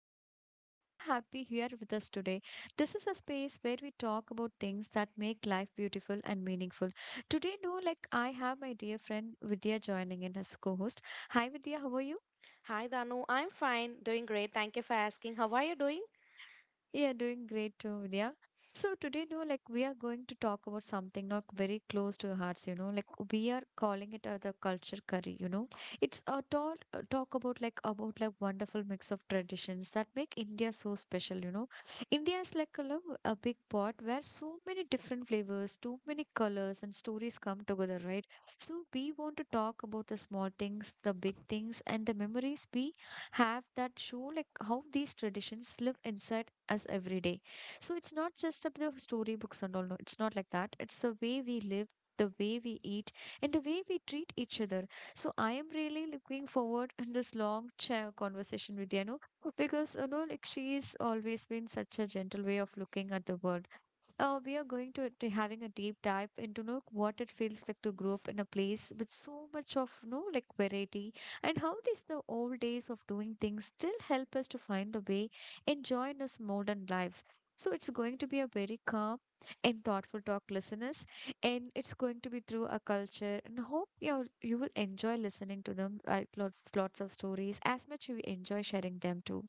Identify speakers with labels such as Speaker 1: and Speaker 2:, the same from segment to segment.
Speaker 1: your host. I'm so happy here with us today. This is a space where we talk about things that make life beautiful and meaningful. Today, no, like I have my dear friend Vidya joining in as co-host. Hi Vidya, how are you?
Speaker 2: Hi, Danu. I'm fine, doing great. Thank you for asking. How are you doing?
Speaker 1: Yeah, doing great too, Vidya. So today, no, like we are going to talk about something not very close to our hearts, you know, like we are calling it the culture curry. It's a talk about like wonderful mix of traditions that make India so special, you know. India is like a big pot where so many different flavors, too many colors and stories come together, right? So we want to talk about the small things, the big things, and the memories we have that show like how these traditions live inside us every day. So it's not just about the storybooks and all. No, it's not like that. It's the way we live, the way we eat, and the way we treat each other. So I am really looking forward in this long chair conversation with Yano because you know, like she's always been such a gentle way of looking at the world we are going to be having a deep dive into know, what it feels like to grow up in a place with so much of no like variety and how these the old days of doing things still help us to find the way enjoy in this modern lives. So it's going to be a very calm and thoughtful talk listeners and it's going to be through a culture and hope you will enjoy listening to them lots of stories as much you enjoy sharing them too.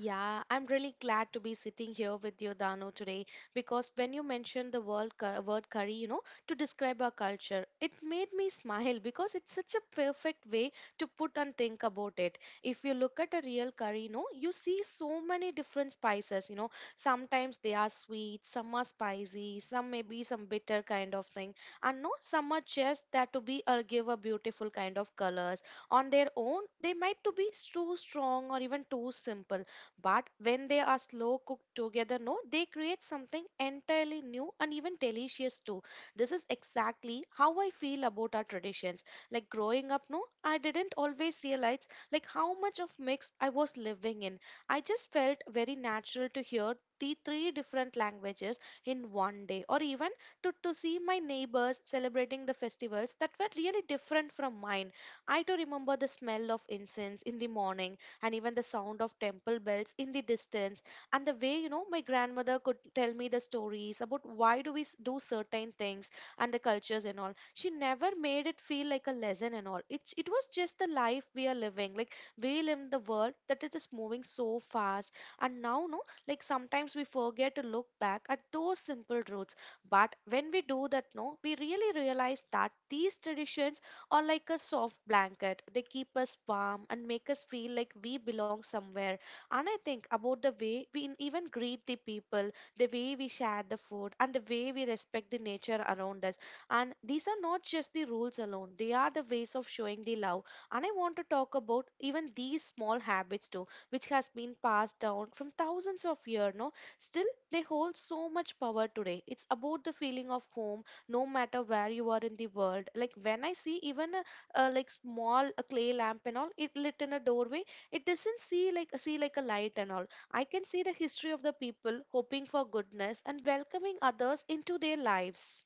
Speaker 2: Yeah, I'm really glad to be sitting here with you, Dano, today because when you mentioned the word curry, to describe our culture, it made me smile because it's such a perfect way to put and think about it. If you look at a real curry, you see so many different spices, sometimes they are sweet, some are spicy, some may be some bitter kind of thing, and no, some are just that to be or give a beautiful kind of colors on their own. They might to be too strong or even too simple, but when they are slow cooked together, no, they create something entirely new and even delicious too. This is exactly how I feel about our traditions. Like growing up, no, I didn't always realize like how much of mix I was living in. I just felt very natural to hear the three different languages in one day, or even to see my neighbors celebrating the festivals that were really different from mine. I too remember the smell of incense in the morning and even the sound of temple bells in the distance, and the way my grandmother could tell me the stories about why do we do certain things and the cultures and all. She never made it feel like a lesson and all, it was just the life we are living. Like we live in the world that it is moving so fast, and now no, like sometimes we forget to look back at those simple roots. But when we do that no, we really realize that these traditions or like a soft blanket. They keep us warm and make us feel like we belong somewhere. And I think about the way we even greet the people, the way we share the food, and the way we respect the nature around us. And these are not just the rules alone, they are the ways of showing the love. And I want to talk about even these small habits too, which has been passed down from thousands of years, no? Still, they hold so much power today. It's about the feeling of home no matter where you are in the world. Like when I see even a like small a clay lamp and all it lit in a doorway, it doesn't see like a light and all. I can see the history of the people hoping for goodness and welcoming others into their lives.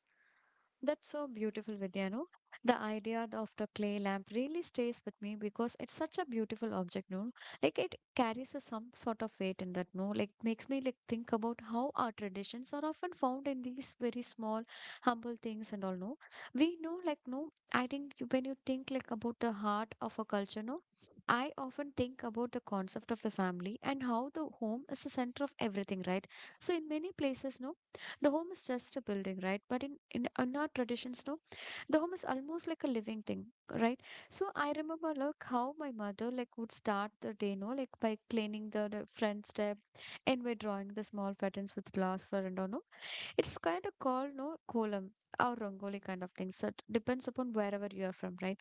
Speaker 1: That's so beautiful, Vidya. No, the idea of the clay lamp really stays with me because it's such a beautiful object. No, like it carries a, some sort of weight in that. No, like makes me like think about how our traditions are often found in these very small, humble things and all. No, we know like no. I think when you think like about the heart of a culture, no, I often think about the concept of the family and how the home is the center of everything, right? So in many places, no the home is just a building, right? But in our traditions, no, the home is almost like a living thing, right? So I remember like how my mother like would start the day, no, like by cleaning the front step and by drawing the small patterns with glass for and all, no. It's kind of called no column or rangoli kind of thing. So it depends upon wherever you are from, right?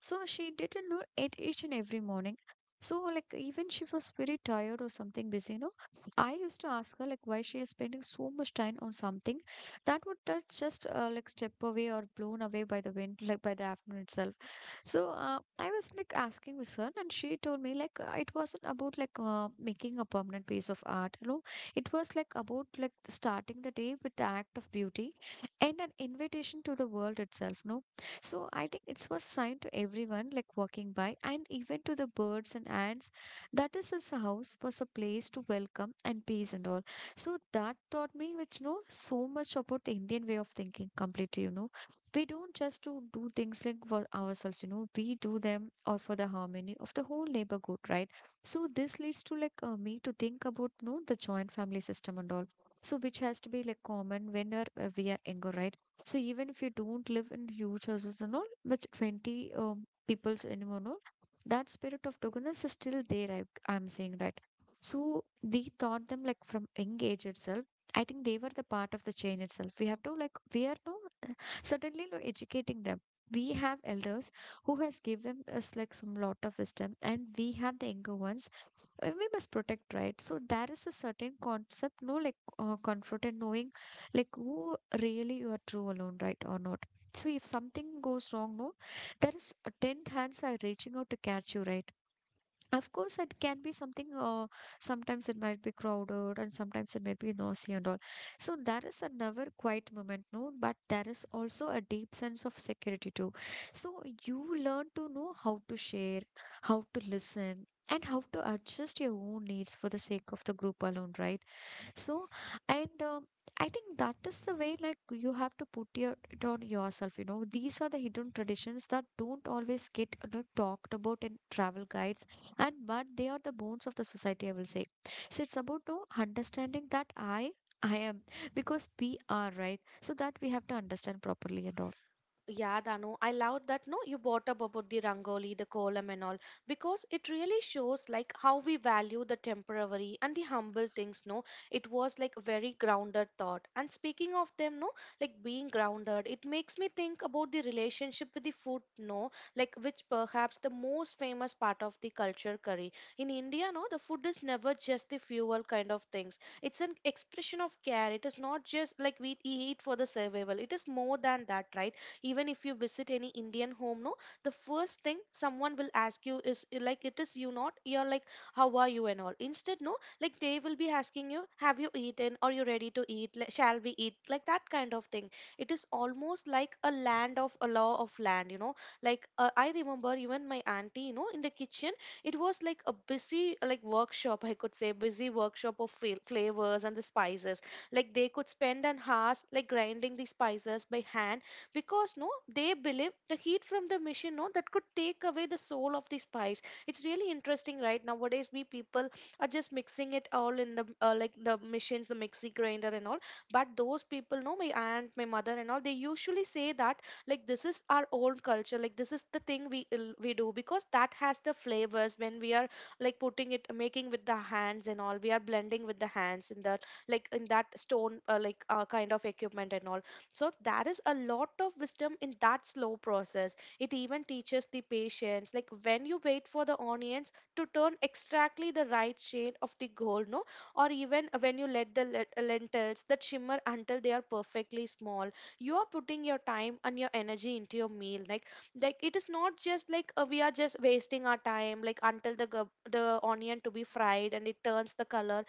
Speaker 1: So she didn't know it each and every morning. So like even she was very tired or something busy, you know. I used to ask her like why she is spending so much time on something that would just like step away or blown away by the wind like by the afternoon itself. So I was like asking with her, and she told me like it wasn't about like making a permanent piece of art. You know, it was like about like starting the day with the act of beauty and an invitation to the world itself. No, so I think it was sign to everyone like walking by and even to the birds and ants that is his house was a place to welcome and peace and all. So that taught me which you know so much about the Indian way of thinking completely, you know. We don't just to do things like for ourselves, you know, we do them or for the harmony of the whole neighborhood, right? So this leads to like me to think about, you know, the joint family system and all. So which has to be like common when we are younger, right? So even if you don't live in huge houses and all, with 20 peoples anymore, and all, that spirit of togetherness is still there, I'm saying, right? So we taught them like from young age itself. I think they were the part of the chain itself. We have to like, we are now certainly no educating them. We have elders who has given us like some lot of wisdom and we have the younger ones we must protect right so that is a certain concept no like comfort and knowing like who really you are true alone right or not. So if something goes wrong no there is a 10 hands are reaching out to catch you right. Of course, it can be something, sometimes it might be crowded and sometimes it might be noisy and all. So there is another quiet moment, no, but there is also a deep sense of security too. So you learn to know how to share, how to listen, and how to adjust your own needs for the sake of the group alone, right? So, and I think that is the way like you have to put your, it on yourself. You know, these are the hidden traditions that don't always get like, talked about in travel guides, and but they are the bones of the society. I will say. So it's about no understanding that I am because we are right. So that we have to understand properly and all.
Speaker 2: Yeah, Danu, I loved that. No, you brought up about the Rangoli, the column, and all because it really shows like how we value the temporary and the humble things. No, it was like very grounded thought. And speaking of them, no, like being grounded, it makes me think about the relationship with the food. No, like which perhaps the most famous part of the culture curry in India. No, the food is never just the fuel kind of things. It's an expression of care. It is not just like we eat for the survival. It is more than that, right? Even if you visit any Indian home no, the first thing someone will ask you is like it is you, not you're like how are you and all. Instead, no, like they will be asking you have you eaten, are you ready to eat, like shall we eat, like that kind of thing. It is almost like a land of a law of land, you know. Like I remember even my auntie, you know, in the kitchen. It was like a busy like workshop, I could say busy workshop of flavors and the spices. Like they could spend an hours like grinding the spices by hand, because no, they believe the heat from the machine no, that could take away the soul of the spice. It's really interesting, right? Nowadays we people are just mixing it all in the like the machines, the mixie grinder and all. But those people no, my aunt, my mother and all, they usually say that like this is our own culture, like this is the thing we we do because that has the flavors when we are like putting it, making with the hands and all. We are blending with the hands in the like in that stone like kind of equipment and all. So there is a lot of wisdom in that slow process. It even teaches the patience, like when you wait for the onions to turn exactly the right shade of the gold, no, or even when you let the lentils that shimmer until they are perfectly small. You are putting your time and your energy into your meal. Like it is not just like we are just wasting our time like until the the onion to be fried and it turns the color.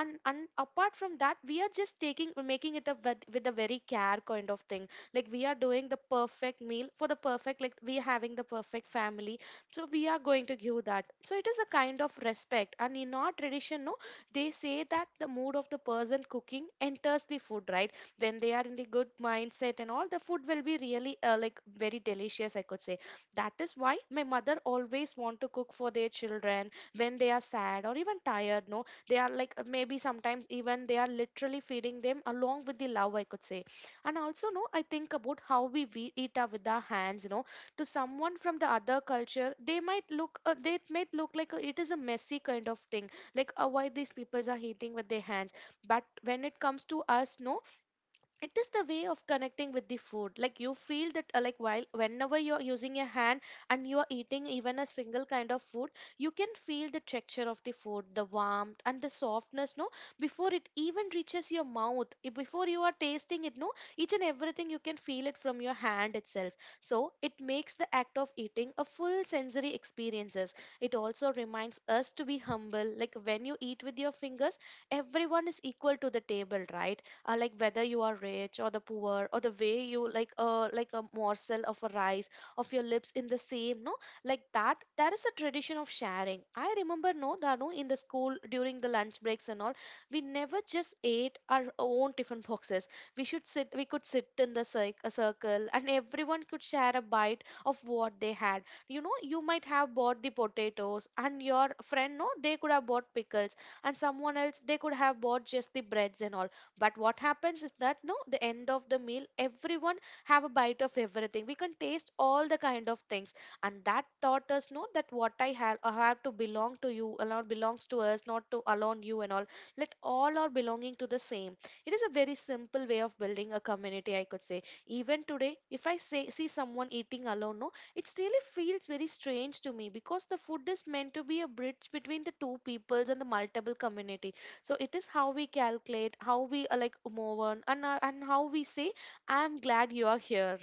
Speaker 2: And apart from that we are just taking making it up with a very care kind of thing. Like we are doing the perfect meal for the perfect, like we are having the perfect family, so we are going to give that. So it is a kind of respect. And in our tradition no, they say that the mood of the person cooking enters the food, right? When they are in the good mindset and all, the food will be really like very delicious, I could say. That is why my mother always want to cook for their children. When they are sad or even tired no, they are like maybe sometimes even they are literally feeding them along with the love, I could say. And also no, I think about how we eat our with our hands, you know. To someone from the other culture they might look like it is a messy kind of thing. Like why these peoples are eating with their hands. But when it comes to us no, it is the way of connecting with the food. Like you feel that like while whenever you're using your hand and you are eating even a single kind of food, you can feel the texture of the food, the warmth and the softness, no, before it even reaches your mouth. Before you are tasting it no, each and everything you can feel it from your hand itself. So it makes the act of eating a full sensory experiences. It also reminds us to be humble. Like when you eat with your fingers, everyone is equal to the table, right? Like whether you are rich or the poor, or the way you like a morsel of a rice of your lips in the same, no, like that there is a tradition of sharing. I remember no Danu, in the school during the lunch breaks and all, we never just ate our own tiffin boxes. We could sit in the a circle and everyone could share a bite of what they had. You know, you might have bought the potatoes, and your friend no, they could have bought pickles, and someone else they could have bought just the breads and all. But what happens is that no, the end of the meal everyone have a bite of everything, we can taste all the kind of things. And that taught us no, that what I have to belong to you alone belongs to us, not to alone you and all. Let all are belonging to the same. It is a very simple way of building a community, I could say. Even today if I say see someone eating alone no, it really feels very strange to me because the food is meant to be a bridge between the two peoples and the multiple communities. So it is how we calculate, how we like move on, and how we say I am glad you are here.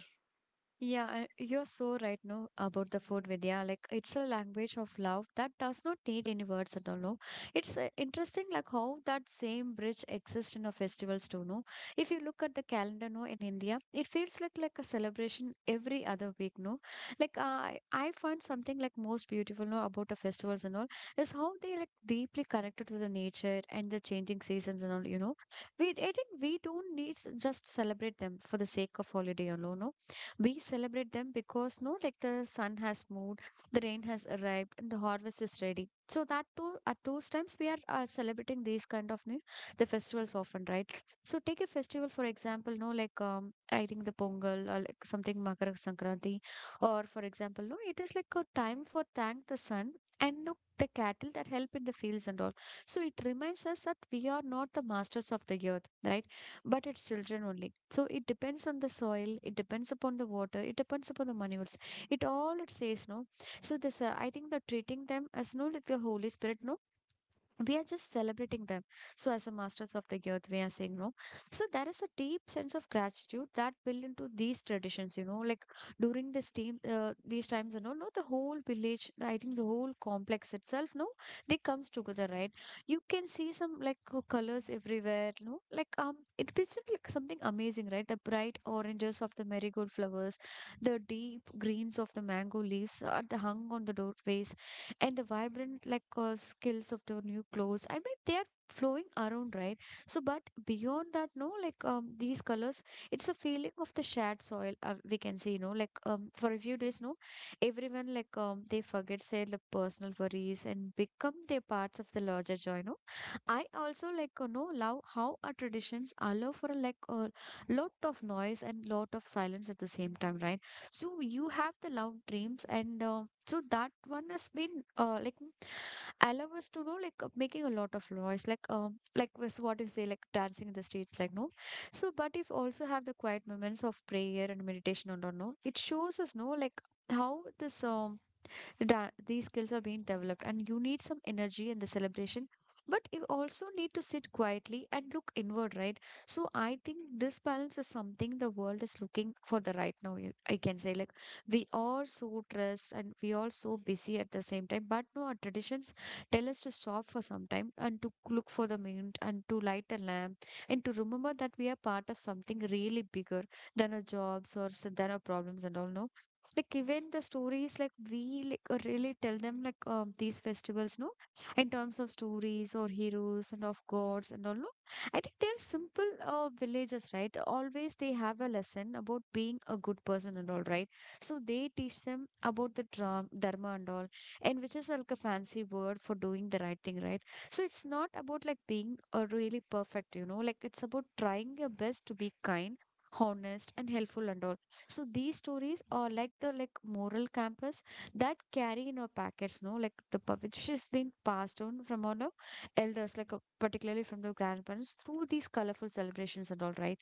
Speaker 1: Yeah, I- you're so right now about the food, Vidya. Like, it's a language of love that does not need any words at all. No, it's interesting, like how that same bridge exists in our festivals too. No, if you look at the calendar, no, in India, it feels like a celebration every other week. No, like I find something like most beautiful, no, about the festivals and all is how they like deeply connected to the nature and the changing seasons and all. You know, we I think we don't need just celebrate them for the sake of holiday alone. No we celebrate them because no like the sun has moved, the rain has arrived and the harvest is ready so that too at those times we are celebrating these kind of the festivals often right. So take a festival for example no like I think the pongal or like something makar sankranti or for example no it is like a time for thank the sun and no the cattle that help in the fields and all. So it reminds us that we are not the masters of the earth right but it's children only so it depends on the soil it depends upon the water it depends upon the manuals it all it says no. So this I think the treating them as no like the holy spirit no we are just celebrating them so as a masters of the earth we are saying no. So there is a deep sense of gratitude that built into these traditions you know like during this team these times you know no, the whole village I think the whole complex itself no they comes together right. You can see some like colors everywhere no like it feels like something amazing right the bright oranges of the marigold flowers, the deep greens of the mango leaves are the hung on the doorways and the vibrant like skills of the new clothes I mean they are flowing around right. So but beyond that no like these colors it's a feeling of the shared soil we can see you know like for a few days no everyone like they forget their like, personal worries and become their parts of the larger joy no. I also like you know love how our traditions allow for like a lot of noise and lot of silence at the same time right. So you have the loud dreams, and so that one has been like allow us to know like making a lot of noise, like was what you say like dancing in the streets, like no. So but if also have the quiet moments of prayer and meditation and all, no, it shows us no like how this um these skills are being developed, and you need some energy in the celebration, but you also need to sit quietly and look inward, right? So I think this balance is something the world is looking for the right now. I can say like we are so stressed and we are so busy at the same time, but no, our traditions tell us to stop for some time and to look for the moon and to light a lamp and to remember that we are part of something really bigger than our jobs or than our problems and all, no. Like even the stories like we like really tell them like these festivals, no, in terms of stories or heroes and of gods and all, no, I think they're simple villages, right? Always they have a lesson about being a good person and all, right? So they teach them about the dharma and all, and which is like a fancy word for doing the right thing, right? So it's not about like being a really perfect, like, it's about trying your best to be kind, honest, and helpful and all. So these stories are like the like moral campus that carry in our packets, no, like which has been passed on from our no, elders, like particularly from the grandparents through these colorful celebrations and all, right?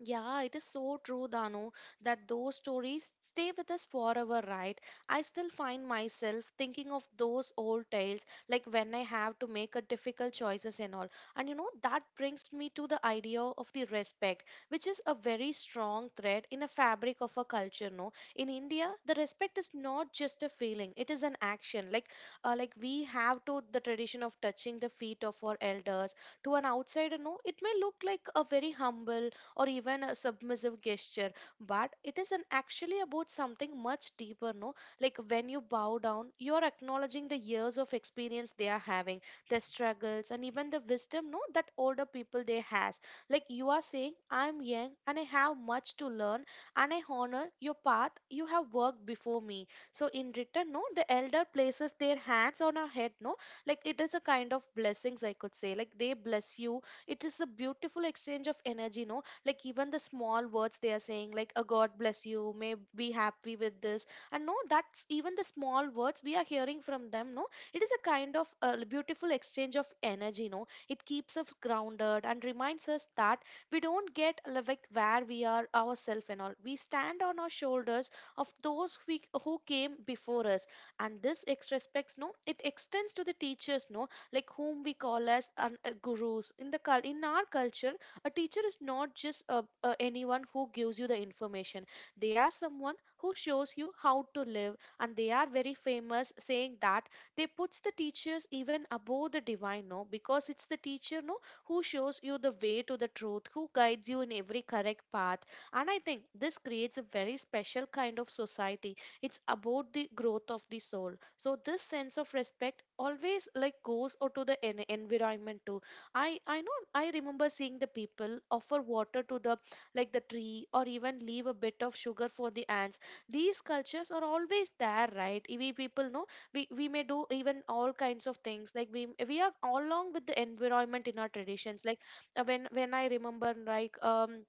Speaker 2: Yeah, it is so true, Dano, that those stories stay with us forever, right? I still find myself thinking of those old tales, like when I have to make a difficult choices and all. And you know, that brings me to the idea of the respect, which is a very strong thread in the fabric of a culture, no? In India, the respect is not just a feeling, it is an action. Like we have to the tradition of touching the feet of our elders. To an outsider, no, it may look like a very humble or even a submissive gesture, but it is an actually about something much deeper, no. Like when you bow down, you are acknowledging the years of experience they are having, their struggles, and even the wisdom, no, that older people they has. Like you are saying, I'm young and I have much to learn, and I honor your path. You have worked before me. So in return, no, the elder places their hands on our head, no. Like it is a kind of blessings, I could say. Like they bless you. It is a beautiful exchange of energy, no. Like even the small words they are saying, like a god bless you, may be happy with this. And no, that's even the small words we are hearing from them, no. It is a kind of a beautiful exchange of energy, no. It keeps us grounded and reminds us that we don't get like where we are ourselves, and all we stand on our shoulders of those who came before us. And this ex respects, no, it extends to the teachers, no, like whom we call as an, gurus in the in our culture. A teacher is not just anyone who gives you the information. They are someone who shows you how to live, and they are very famous saying that they puts the teachers even above the divine, no, because it's the teacher, no, who shows you the way to the truth, who guides you in every correct path. And I think this creates a very special kind of society. It's about the growth of the soul. So this sense of respect always like goes out to the environment too. I know I remember seeing the people offer water to the tree or even leave a bit of sugar for the ants. These cultures are always there, right? We people know we may do even all kinds of things. Like we are all along with the environment in our traditions. Like when I remember like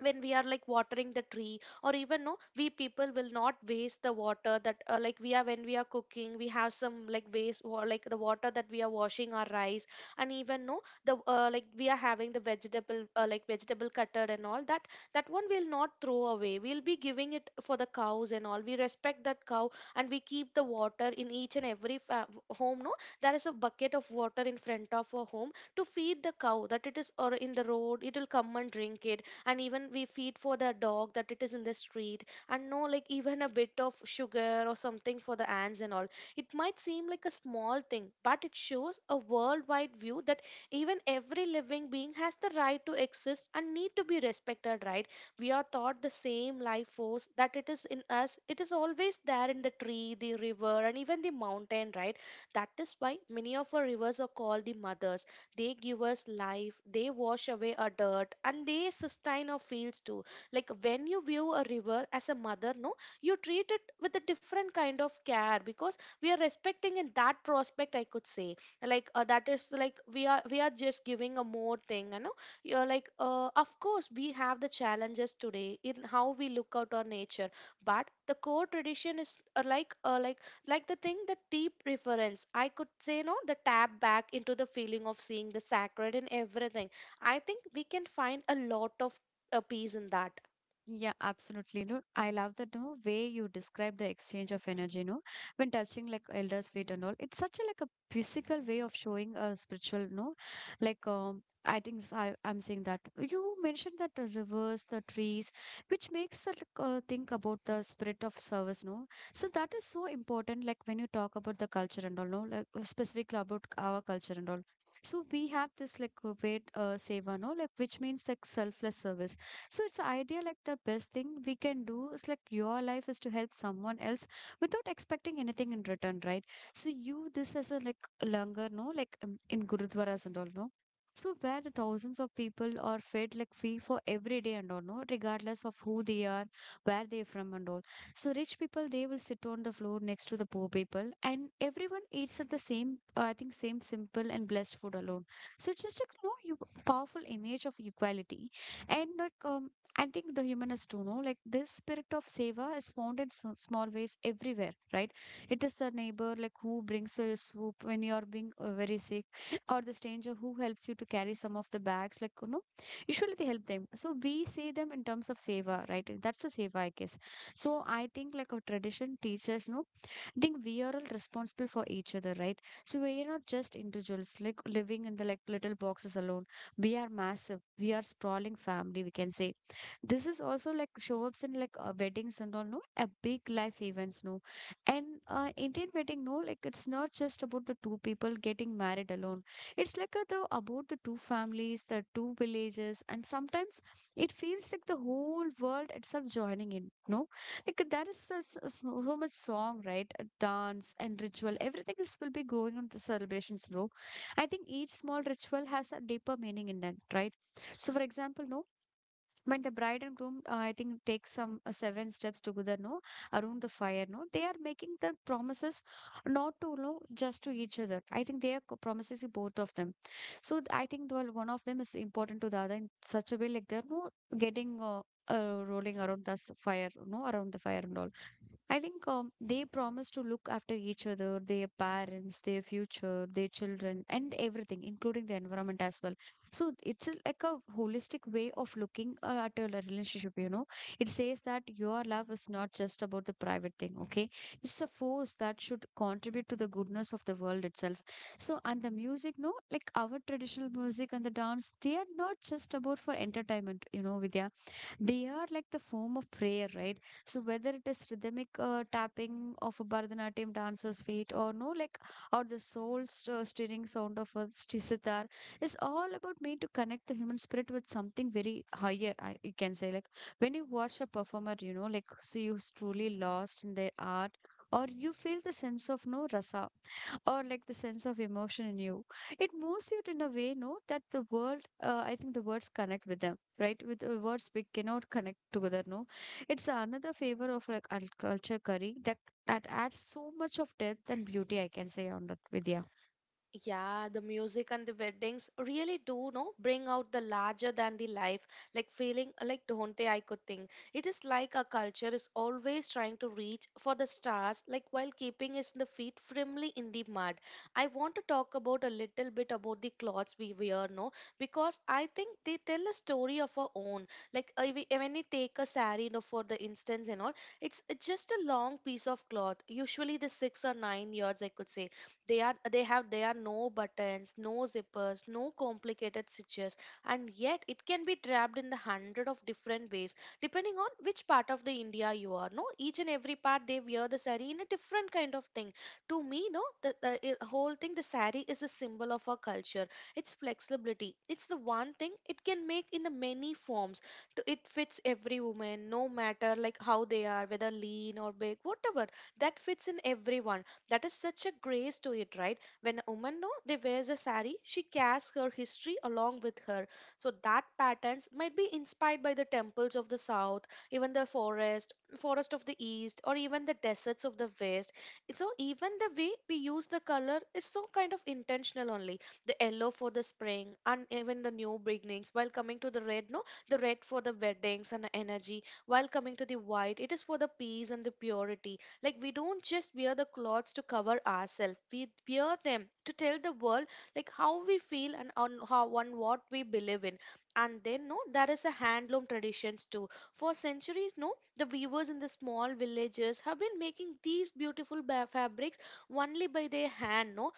Speaker 2: when we are like watering the tree or even no, we people will not waste the water that like we are, when we are cooking we have some like waste or like the water that we are washing our rice. And even no, the like we are having the vegetable like vegetable cutter and all, that that one we'll not throw away, we'll be giving it for the cows and all. We respect that cow, and we keep the water in each and every home, no. There is a bucket of water in front of a home to feed the cow that it is, or in the road it will come and drink it. And even we feed for the dog that it is in the street. And no, like even a bit of sugar or something for the ants and all, it might seem like a small thing, but it shows a worldwide view that even every living being has the right to exist and need to be respected, right? We are taught the same life force that it is in us, it is always there in the tree, the river, and even the mountain, right? That is why many of our rivers are called the mothers. They give us life, they wash away our dirt, and they sustain our fields too. Like when you view a river as a mother, no, you treat it with a different kind of care because we are respecting in that prospect, I could say. Like that is like we are just giving a more thing, you know. You're like, of course, we have the challenges today in how we look out our nature, but the core tradition is like the thing, the deep reference, I could say, no, the tap back into the feeling of seeing the sacred in everything. I think we can find a lot of peace in that.
Speaker 1: Yeah, absolutely. No, I love that no way you describe the exchange of energy, no, when touching like elders' feet and all. It's such a like a physical way of showing a spiritual, no, like I think I'm seeing that you mentioned that the rivers, the trees, which makes us think about the spirit of service, no. So that is so important. Like when you talk about the culture and all, no, like specifically about our culture and all. So we have this like wait seva, no, like which means like selfless service. So it's an idea like the best thing we can do is like your life is to help someone else without expecting anything in return, right? So you this as a like langar, no, like in gurudwaras and all, no. So where the thousands of people are fed like free for every day and all, no, regardless of who they are, where they're from and all. So rich people they will sit on the floor next to the poor people, and everyone eats at the same, I think, same simple and blessed food alone. So it's just like, you know, you powerful image of equality. And like I think the human has to know, like this spirit of seva is found in so small ways everywhere, right? It is the neighbor like who brings a soup when you are being very sick, or the stranger who helps you to carry some of the bags, like, you know, usually they help them. So we say them in terms of seva, right? That's the seva, I guess. So I think like a tradition teaches, no. I think we are all responsible for each other, right? So we are not just individuals like living in the like little boxes alone. We are massive. We are sprawling family, we can say. This is also like show ups in like weddings and all, no? A big life events, no? And Indian wedding, no? Like it's not just about the two people getting married alone. It's like a, the about the two families, the two villages, and sometimes it feels like the whole world itself joining in, no? Like that is so, so, so, so much song, right? A dance and ritual, everything is will be going on the celebrations, bro. I think each small ritual has a deeper meaning in that, right? So, for example, no, but the bride and groom, I think, take some seven steps together, no, around the fire, no. They are making the promises not to, no, just to each other. I think they are promises to both of them. So I think, well, one of them is important to the other in such a way, like they're no getting rolling around the s- fire, no, around the fire and all. I think they promise to look after each other, their parents, their future, their children, and everything, including the environment as well. So it's like a holistic way of looking at a relationship, you know. It says that your love is not just about the private thing, okay? It's a force that should contribute to the goodness of the world itself. So, and the music, no, like our traditional music and the dance, they are not just about for entertainment, you know, Vidya. They are like the form of prayer, right? So whether it is rhythmic tapping of a Bharatanatyam dancer's feet or no, like or the soul stirring sound of a sitar is all about me to connect the human spirit with something very higher. I, you can say like when you watch a performer, you know, like so you truly lost in their art. Or you feel the sense of no rasa or like the sense of emotion in you. It moves you in a way, no, that the world, I think the words connect with them, right? With the words we cannot connect together, no. It's another favor of like our culture curry that that adds so much of depth and beauty, I can say, on that, Vidya.
Speaker 2: Yeah, the music and the weddings really do, no, bring out the larger than the life, like feeling like do Dhonte, I could think. It is like our culture is always trying to reach for the stars, like while keeping us the feet firmly in the mud. I want to talk about a little bit about the clothes we wear, no, because I think they tell a story of our own. Like when you take a saree, for the instance and all, it's just a long piece of cloth, usually the 6 or 9 yards, I could say. They are they have There are no buttons, no zippers, no complicated stitches, and yet it can be trapped in the hundred of different ways depending on which part of the India you are. No, each and every part they wear the sari in a different kind of thing. To me, no, the whole thing, the sari is a symbol of our culture. It's flexibility. It's the one thing it can make in the many forms. To, it fits every woman, no matter like how they are, whether lean or big, whatever. That fits in everyone, that is such a grace to it, right? When a woman, no, they wears a sari, she carries her history along with her. So that patterns might be inspired by the temples of the south, even the forest of the east, or even the deserts of the west. So even the way we use the color is so kind of intentional only. The yellow for the spring and even the new beginnings. While coming to the red, no, the red for the weddings and energy. While coming to the white, it is for the peace and the purity. Like we don't just wear the clothes to cover ourselves. We wear them to tell the world like how we feel and on how on what we believe in. And then no, there is a handloom traditions too. For centuries, no, the weavers in the small villages have been making these beautiful fabrics only by their hand, no.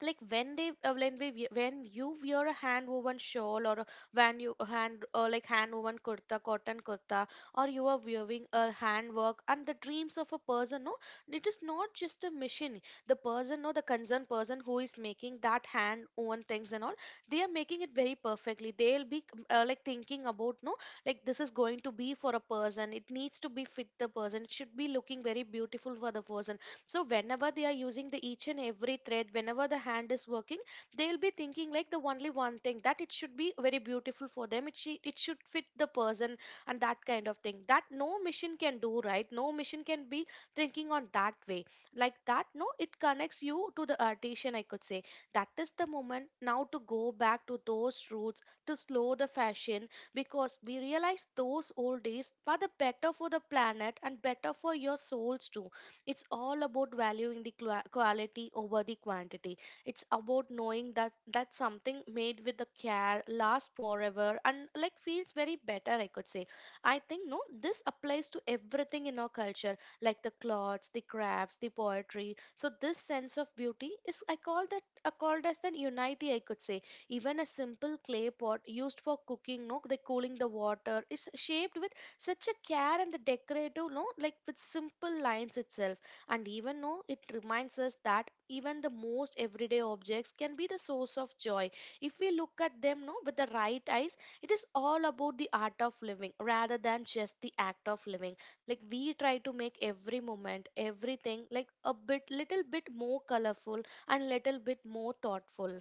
Speaker 2: Like when they when we- when you wear a hand woven shawl when you a hand like hand woven kurta cotton kurta, or you are wearing a handwork and the dreams of a person, no, it is not just a machine. The person, no, the concerned person who is making that hand woven things and all, they are making it very perfectly. They'll be like thinking about, no, like this is going to be for a person, it needs to be fit the person, it should be looking very beautiful for the person. So whenever they are using the each and every thread, whenever the hand is working, they'll be thinking like the only one thing, that it should be very beautiful for them, it, she, it should fit the person. And that kind of thing that no machine can do, right? No machine can be thinking on that way. Like that, no, it connects you to the artisan, I could say. That is the moment now to go back to those roots, to slow the fashion, because we realize those old days were the better for the planet and better for your souls too. It's all about valuing the quality over the quantity. It's about knowing that something made with the care lasts forever and like feels very better, I could say. I think no, this applies to everything in our culture, like the clothes, the crafts, the poetry. So this sense of beauty is, I called as the unity, I could say. Even a simple clay pot used for cooking, no, the cooling the water, is shaped with such a care and the decorative, no, like with simple lines itself, and even though it reminds us that even the most everyday objects can be the source of joy. If we look at them, no, with the right eyes, it is all about the art of living rather than just the act of living. Like we try to make every moment, everything like a bit little bit more colorful and little bit more thoughtful.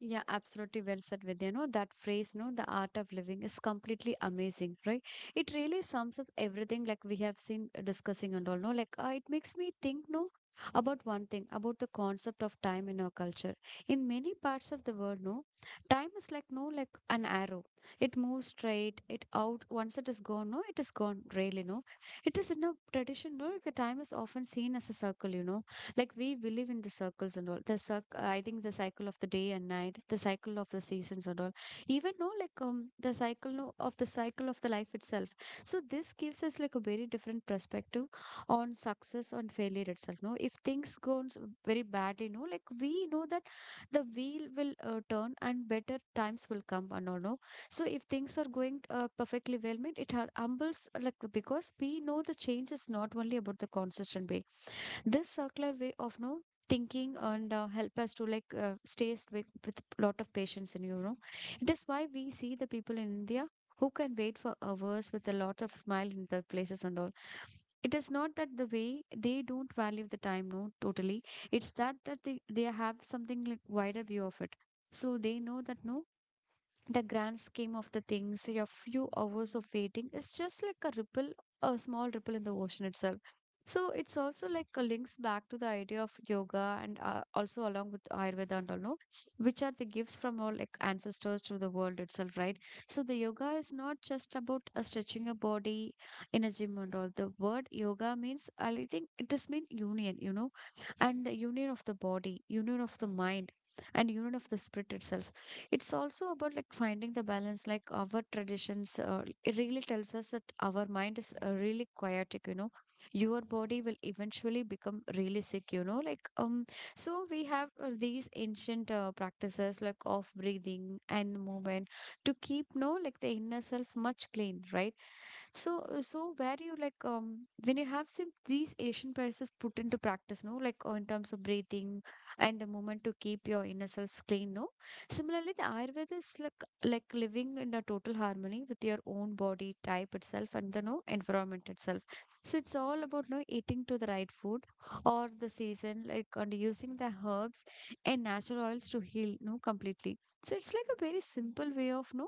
Speaker 1: Yeah, absolutely, well said, Vidya. No, that phrase, no, the art of living is completely amazing, right? It really sums up everything like we have seen discussing and all, no? Like, it makes me think, no, about one thing, about the concept of time in our culture. In many parts of the world, no, time is like, no, like an arrow. It moves straight, it out. Once it is gone, no, it is gone, really, no. It is in a tradition, no, the time is often seen as a circle, you know, like we believe in the circles and all. I think the cycle of the day and night, the cycle of the seasons and all, even no like the cycle no, of the cycle of the life itself. So this gives us like a very different perspective on success, on failure itself, no. If things goes very badly, no, like we know that the wheel will turn and better times will come and all, no. So if things are going perfectly well, made it humbles like, because we know the change is not only about the consistent basis. This circular way of no thinking and help us to like stay with lot of patience in, you know. It is why we see the people in India who can wait for hours with a lot of smile in the places and all. It is not that the way they don't value the time, no, totally. It's that they have something like wider view of it. So they know that no, the grand scheme of the things, your few hours of waiting is just like a ripple, a small ripple in the ocean itself. So it's also like a links back to the idea of yoga and also along with Ayurveda and all, no? Which are the gifts from our like ancestors to the world itself, right? So the yoga is not just about stretching a body in a gym and all. The word yoga means, I think it does mean union, you know, and the union of the body, union of the mind, and union of the spirit itself. It's also about like finding the balance. Like our traditions it really tells us that our mind is really chaotic, you know, your body will eventually become really sick, you know, like so we have these ancient practices like of breathing and movement to keep no like the inner self much clean, right? So, so where you like when you have some these Asian practices put into practice, no, like in terms of breathing and the movement to keep your inner selves clean, no. Similarly, the Ayurveda is like living in a total harmony with your own body type itself and the no environment itself. So it's all about no eating to the right food or the season, like, and using the herbs and natural oils to heal, no, completely. So it's like a very simple way of no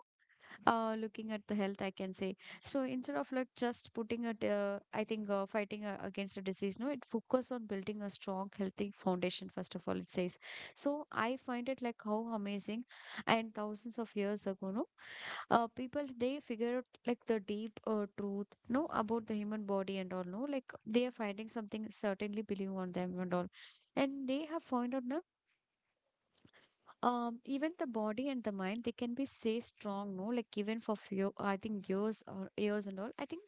Speaker 1: looking at the health, I can say. So instead of like just putting a, I think fighting against a disease, no, it focus on building a strong, healthy foundation. First of all, it says. So I find it like how amazing, and thousands of years ago, no, people they figure out like the deep truth, no, about the human body and all, no, like they are finding something certainly believing on them and all, and they have found out no, even the body and the mind they can be say strong, no, like even for few, I think years or years and all. I think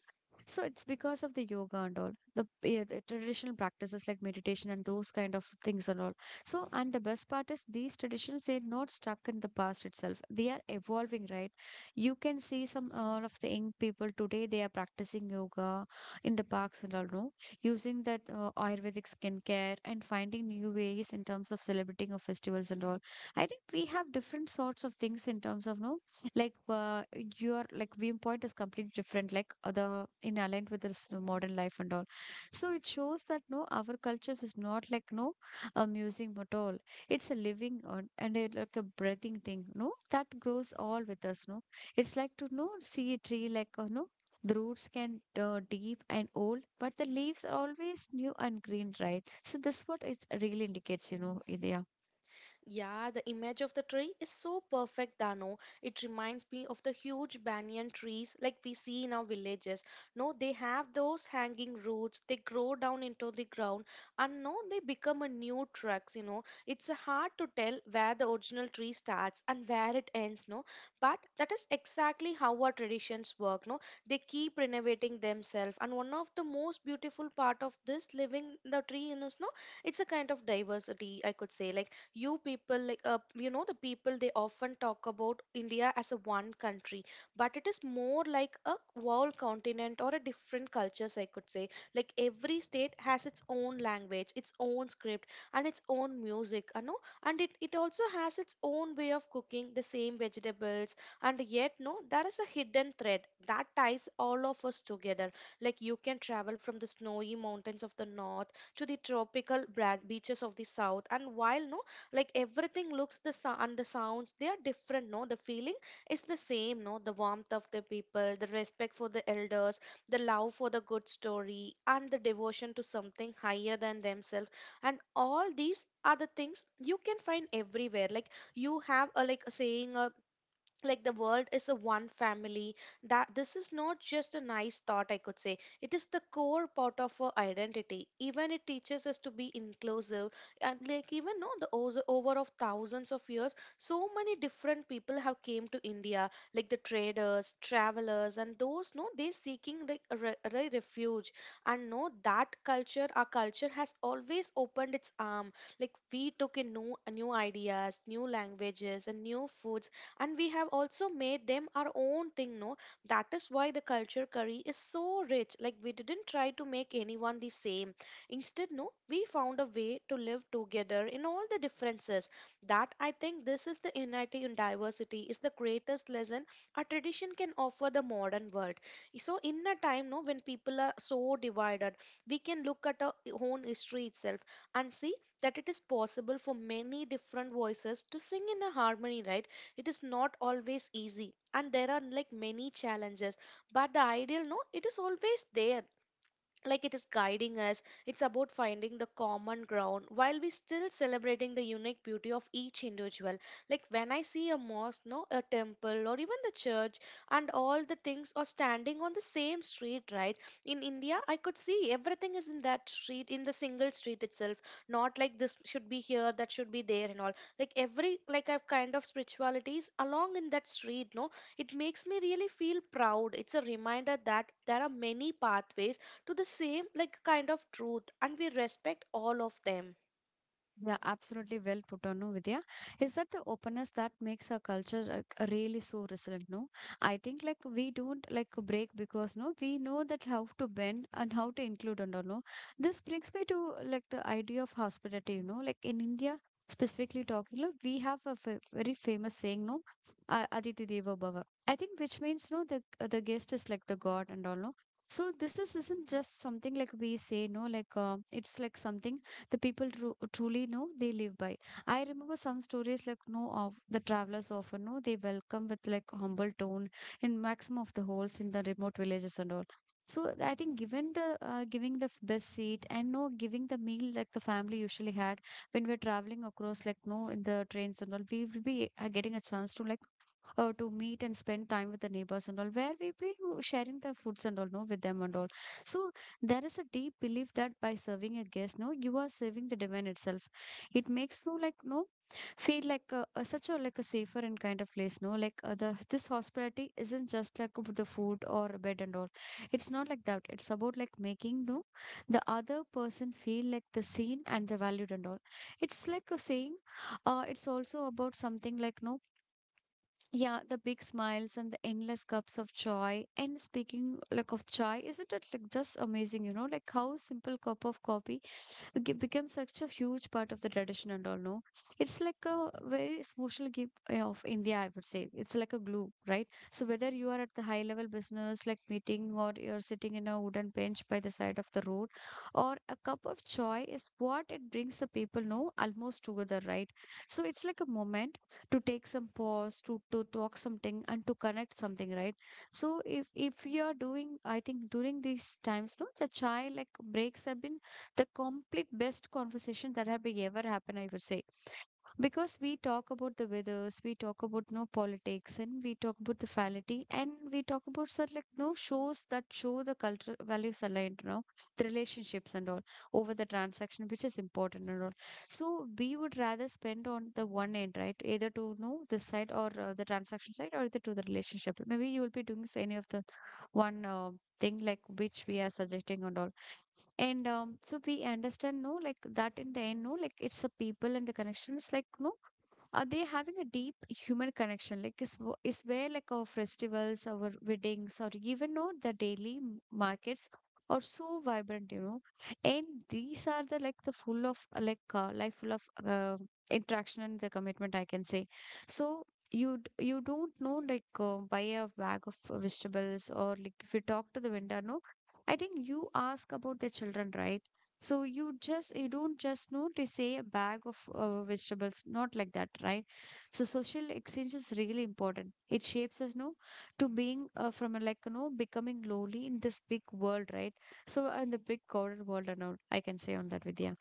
Speaker 1: so it's because of the yoga and all the, yeah, the traditional practices like meditation and those kind of things and all. So and the best part is these traditions they're not stuck in the past itself. They are evolving, right? You can see some all of the young people today they are practicing yoga in the parks and all, no? Using that Ayurvedic skincare and finding new ways in terms of celebrating of festivals and all. I think we have different sorts of things in terms of no like your like viewpoint is completely different like the in aligned with this modern life and all, so it shows that no our culture is not like no a museum at all. It's a living on and a, like a breathing thing no that grows all with us no. It's like to know see a tree like no, the roots can deep and old, but the leaves are always new and green, right? So this what it really indicates, you know, India.
Speaker 2: Yeah, the image of the tree is so perfect, Dano. It reminds me of the huge banyan trees like we see in our villages. No, they have those hanging roots, they grow down into the ground, and no, they become a new trunks. It's hard to tell where the original tree starts and where it ends, no. But that is exactly how our traditions work, no. They keep renovating themselves. And one of the most beautiful part of this living the tree in is, no, it's a kind of diversity, I could say. Like the people they often talk about India as a one country, but it is more like a whole continent or a different cultures, I could say. Like every state has its own language, its own script, and its own music, and it also has its own way of cooking the same vegetables, and yet no, there is a hidden thread that ties all of us together. Like you can travel from the snowy mountains of the north to the tropical beaches of the south, and while no, like everything looks the and the sounds they are different, no, the feeling is the same. No, the warmth of the people, the respect for the elders, the love for the good story, and the devotion to something higher than themselves, and all these are the things you can find everywhere. Like you have a like a saying a like the world is a one family. That this is not just a nice thought, I could say. It is the core part of our identity. Even it teaches us to be inclusive. And like even no, the over of thousands of years, so many different people have came to India, like the traders, travelers, and those no, they seeking the refuge. And no, that culture, our culture has always opened its arm. Like we took in new ideas, new languages, and new foods, and we have also made them our own thing. No, that is why the culture curry is so rich. Like we didn't try to make anyone the same. Instead no, we found a way to live together in all the differences. That I think this is the unity in diversity is the greatest lesson a tradition can offer the modern world. So in a time no, when people are so divided, we can look at our own history itself and see that it is possible for many different voices to sing in a harmony, right? It is not always easy, and there are like many challenges, but the ideal no, it is always there. Like it is guiding us. It's about finding the common ground while we still celebrating the unique beauty of each individual. Like when I see a mosque, no, a temple, or even the church, and all the things are standing on the same street, right? In India I could see everything is in that street, in the single street itself. Not like this should be here, that should be there, and all. Like every like I've kind of spiritualities along in that street, no, it makes me really feel proud. It's a reminder that there are many pathways to the same like kind of truth, and we respect all of them.
Speaker 1: Yeah, absolutely well put on, no, Vidya. Is that the openness that makes our culture like, really so resilient, no? I think like we don't like break because no, we know that how to bend and how to include and all, no. This brings me to like the idea of hospitality, you know, like in India specifically talking, look, we have a fa very famous saying, no, Aditi Deva Bhava. I think which means no, the guest is like the god and all, no. So this is isn't just something like we say, no, like it's like something the people truly know they live by. I remember some stories like no of the travelers often know they welcome with like humble tone in maximum of the holes in the remote villages and all. So I think given the giving the best seat and no giving the meal like the family usually had when we're traveling across like no in the trains and all, we will be getting a chance to like to meet and spend time with the neighbors and all, where we be sharing the foods and all, no, with them and all. So there is a deep belief that by serving a guest, no, you are serving the divine itself. It makes no like no feel like such a like a safer and kind of place no like the this hospitality isn't just like about the food or a bed and all. It's not like that, it's about like making no the other person feel like the seen and the valued and all. It's like a saying, it's also about something like no, yeah, the big smiles and the endless cups of joy. And speaking like of joy, isn't it like just amazing, you know, like how simple cup of coffee become such a huge part of the tradition and all no. It's like a very social gift of India, I would say. It's like a glue, right? So whether you are at the high level business like meeting or you're sitting in a wooden bench by the side of the road, or a cup of joy is what it brings the people know almost together, right? So it's like a moment to take some pause, to talk something and to connect something, right? So if you are doing, I think, during these times no the chai like breaks have been the complete best conversation that have ever happened, I would say. Because we talk about the weathers, we talk about no politics, and we talk about the family, and we talk about sort like no shows that show the cultural values aligned, you know, the relationships and all over the transaction, which is important and all. So we would rather spend on the one end, right? Either to know this side or the transaction side, or either to the relationship. Maybe you will be doing any of the one thing like which we are suggesting and all. And so we understand, no, like that in the end, no, like it's the people and the connections, like, no, are they having a deep human connection like is, is where like our festivals, our weddings, or even know the daily markets are so vibrant, you know, and these are the like the full of like life, full of interaction and the commitment, I can say. So you you don't know like buy a bag of vegetables, or like if you talk to the vendor no, I think you ask about the children, right? So you just, you don't just know to say a bag of vegetables, not like that, right? So social exchange is really important. It shapes us, no, to being from a, like you know becoming lowly in this big world, right? So in the big crowded world and all, I can say on that, Vidya.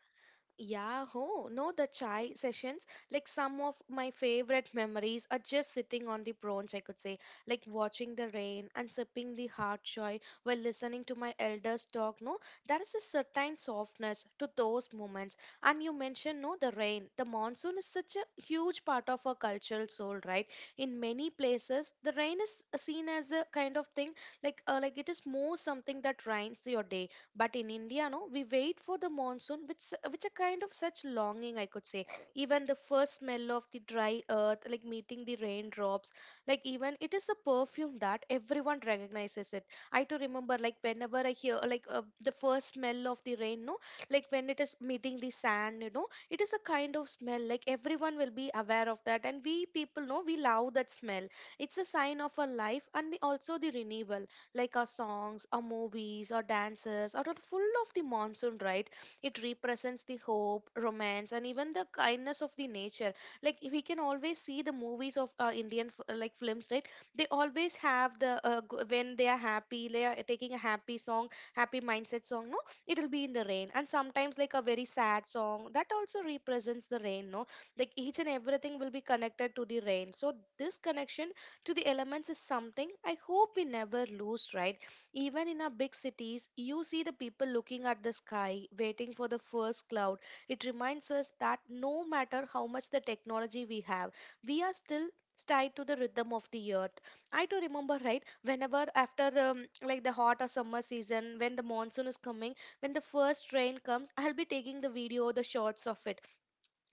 Speaker 2: Yeah, oh, no, the chai sessions, like some of my favorite memories are just sitting on the branch, I could say, like watching the rain and sipping the hot chai while listening to my elders talk. No, there is a certain softness to those moments. And you mentioned, no, the rain. The monsoon is such a huge part of our cultural soul, right? In many places, the rain is seen as a kind of thing, like it is more something that rains your day, but in India, no, we wait for the monsoon, which which a kind of such longing, I could say. Even the first smell of the dry earth, like meeting the raindrops, like even it is a perfume that everyone recognizes it. I too remember, like whenever I hear like the first smell of the rain, no, like when it is meeting the sand, you know, it is a kind of smell. Like everyone will be aware of that, and we people know we love that smell. It's a sign of our life and the, also the renewal. Like our songs, our movies, our dances are all full of the monsoon, right? It represents the hope, romance, and even the kindness of the nature. Like we can always see the movies of Indian like films, right? They always have the when they are happy, they are taking a happy song, happy mindset song. No, it'll be in the rain, and sometimes like a very sad song that also represents the rain. No, like each and everything will be connected to the rain. So this connection to the elements is something I hope we never lose, right? Even in our big cities, you see the people looking at the sky, waiting for the first cloud. It reminds us that no matter how much the technology we have, we are still tied to the rhythm of the earth. I do remember, right? Whenever after like the hot or summer season, when the monsoon is coming, when the first rain comes, I'll be taking the video, the shots of it,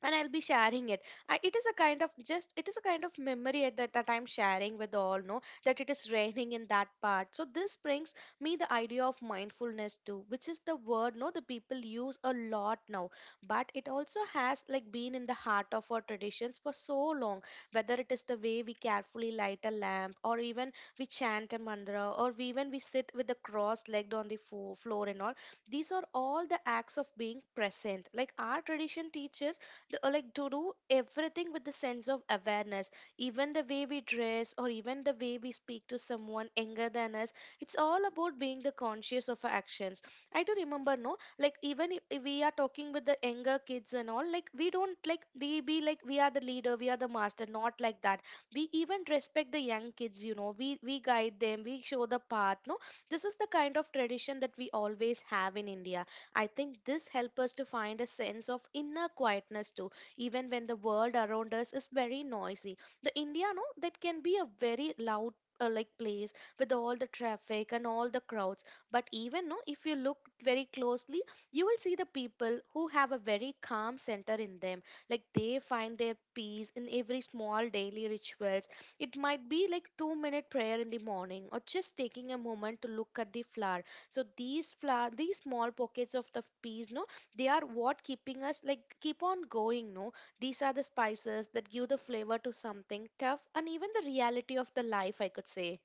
Speaker 2: and I'll be sharing it. I, it is a kind of just it is a kind of memory at that, that I'm sharing with all. Know that it is raining in that part. So this brings me the idea of mindfulness too, which is the word no, the people use a lot now, but it also has like been in the heart of our traditions for so long. Whether it is the way we carefully light a lamp, or even we chant a mantra, or we even we sit with the cross legged on the floor and all, these are all the acts of being present. Like our tradition teaches like to do everything with the sense of awareness, even the way we dress or even the way we speak to someone younger than us. It's all about being the conscious of our actions. I do remember, no, like even if we are talking with the younger kids and all, like we don't like we be like we are the leader, we are the master, not like that. We even respect the young kids, you know. We guide them, we show the path, no, this is the kind of tradition that we always have in India. I think this helps us to find a sense of inner quietness too, even when the world around us is very noisy. The India, no, that can be a very loud like place with all the traffic and all the crowds, but even no, if you look very closely, you will see the people who have a very calm center in them. Like they find their peace in every small daily rituals. It might be like 2-minute prayer in the morning, or just taking a moment to look at the flower. So these flower, these small pockets of the peas, no, they are what keeping us like keep on going, no, these are the spices that give the flavor to something tough and even the reality of the life, I could say.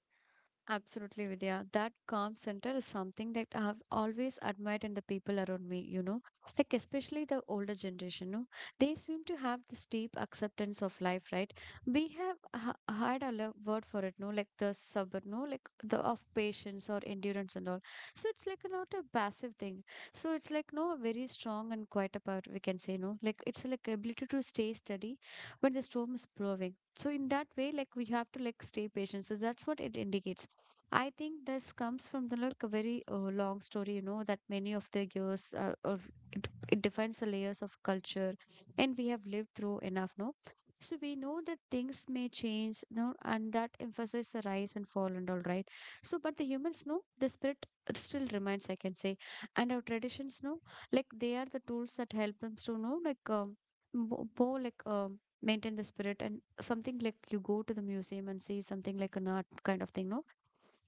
Speaker 1: Absolutely, Vidya. That calm center is something that I have always admired in the people around me, you know, like especially the older generation. No? They seem to have this deep acceptance of life, right? We have ha had a word for it, no, like the sub, no, like the of patience or endurance and all. So it's like not a passive thing. So it's like no very strong and quite a part we can say, no, like it's like ability to stay steady when the storm is blowing. So in that way, like we have to like stay patient. So that's what it indicates. I think this comes from the like a very long story, you know, that many of the years of it, it defines the layers of culture, and we have lived through enough, no? So we know that things may change, no, and that emphasize the rise and fall and all, right? So, but the humans know the spirit still remains, I can say, and our traditions know, like they are the tools that help us to know, like more like. Maintain the spirit and something like you go to the museum and see something like an art kind of thing no,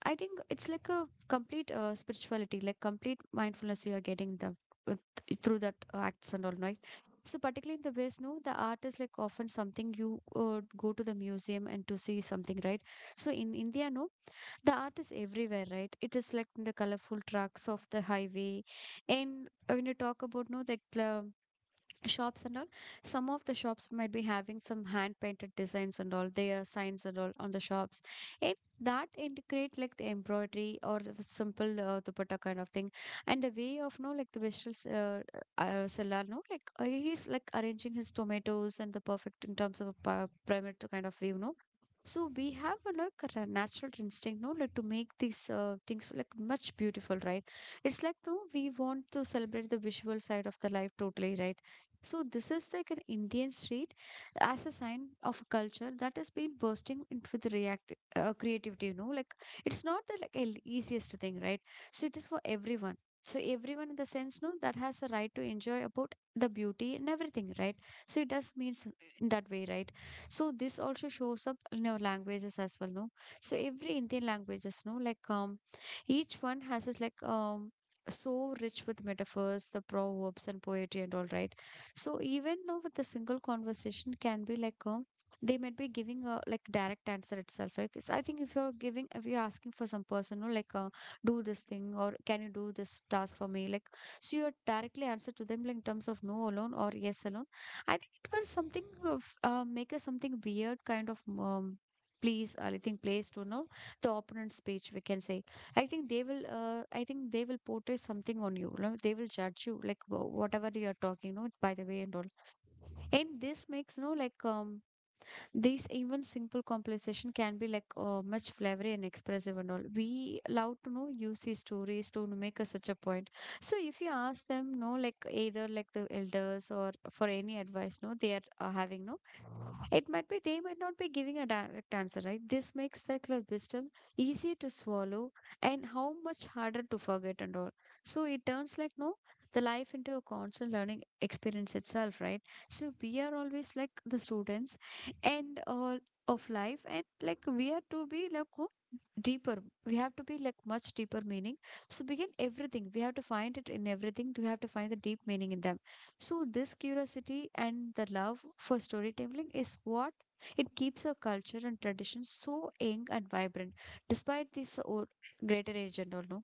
Speaker 1: I think it's like a complete spirituality, like complete mindfulness you are getting the with, through that acts and all, right? So particularly in the West, no, the art is like often something you go to the museum and to see something, right? So in India, no, the art is everywhere, right? It is like in the colorful trucks of the highway, and when you talk about no, like the shops and all, some of the shops might be having some hand painted designs and all their signs and all on the shops. It that integrate like the embroidery or the simple dupatta kind of thing and the way of no like the vegetable seller no like he's like arranging his tomatoes and the perfect in terms of a pyramid kind of view no. So we have a like a natural instinct, no, like to make these things like much beautiful, right? It's like no, we want to celebrate the visual side of the life totally, right? So this is like an Indian street as a sign of a culture that has been bursting into with react creativity. You know, like it's not the like easiest thing, right? So it is for everyone. So everyone in the sense, no, that has a right to enjoy about the beauty and everything, right? So it does means in that way, right? So this also shows up in our languages as well, no? So every Indian languages, no, like each one has its like so rich with metaphors, the proverbs and poetry and all, right? So even now with a single conversation can be like they might be giving a like direct answer itself. Like it's- I think if you're asking for some person or like do this thing or can you do this task for me like, so you're directly answer to them like in terms of no alone or yes alone. I think it was something of make us something weird kind of please I think place to know the opponent's speech we can say. I think they will portray something on you. No? They will judge you, like whatever you are talking, no, by the way and all. And this makes, no, like these even simple conversation can be like much flavory and expressive and all. We love to know use these stories to make us such a point. So if you ask them, no, like either like the elders or for any advice, no, they are having, no. It might be they might not be giving a direct answer, right? This makes circular wisdom easier to swallow and how much harder to forget and all. So it turns like no, the life into a constant learning experience itself, right? So we are always like the students and all of life and like we are to be like go deeper, we have to be like much deeper meaning. So begin everything we have to find it in everything, we have to find the deep meaning in them. So this curiosity and the love for storytelling is what it keeps our culture and tradition so young and vibrant, despite this or greater age and all. No?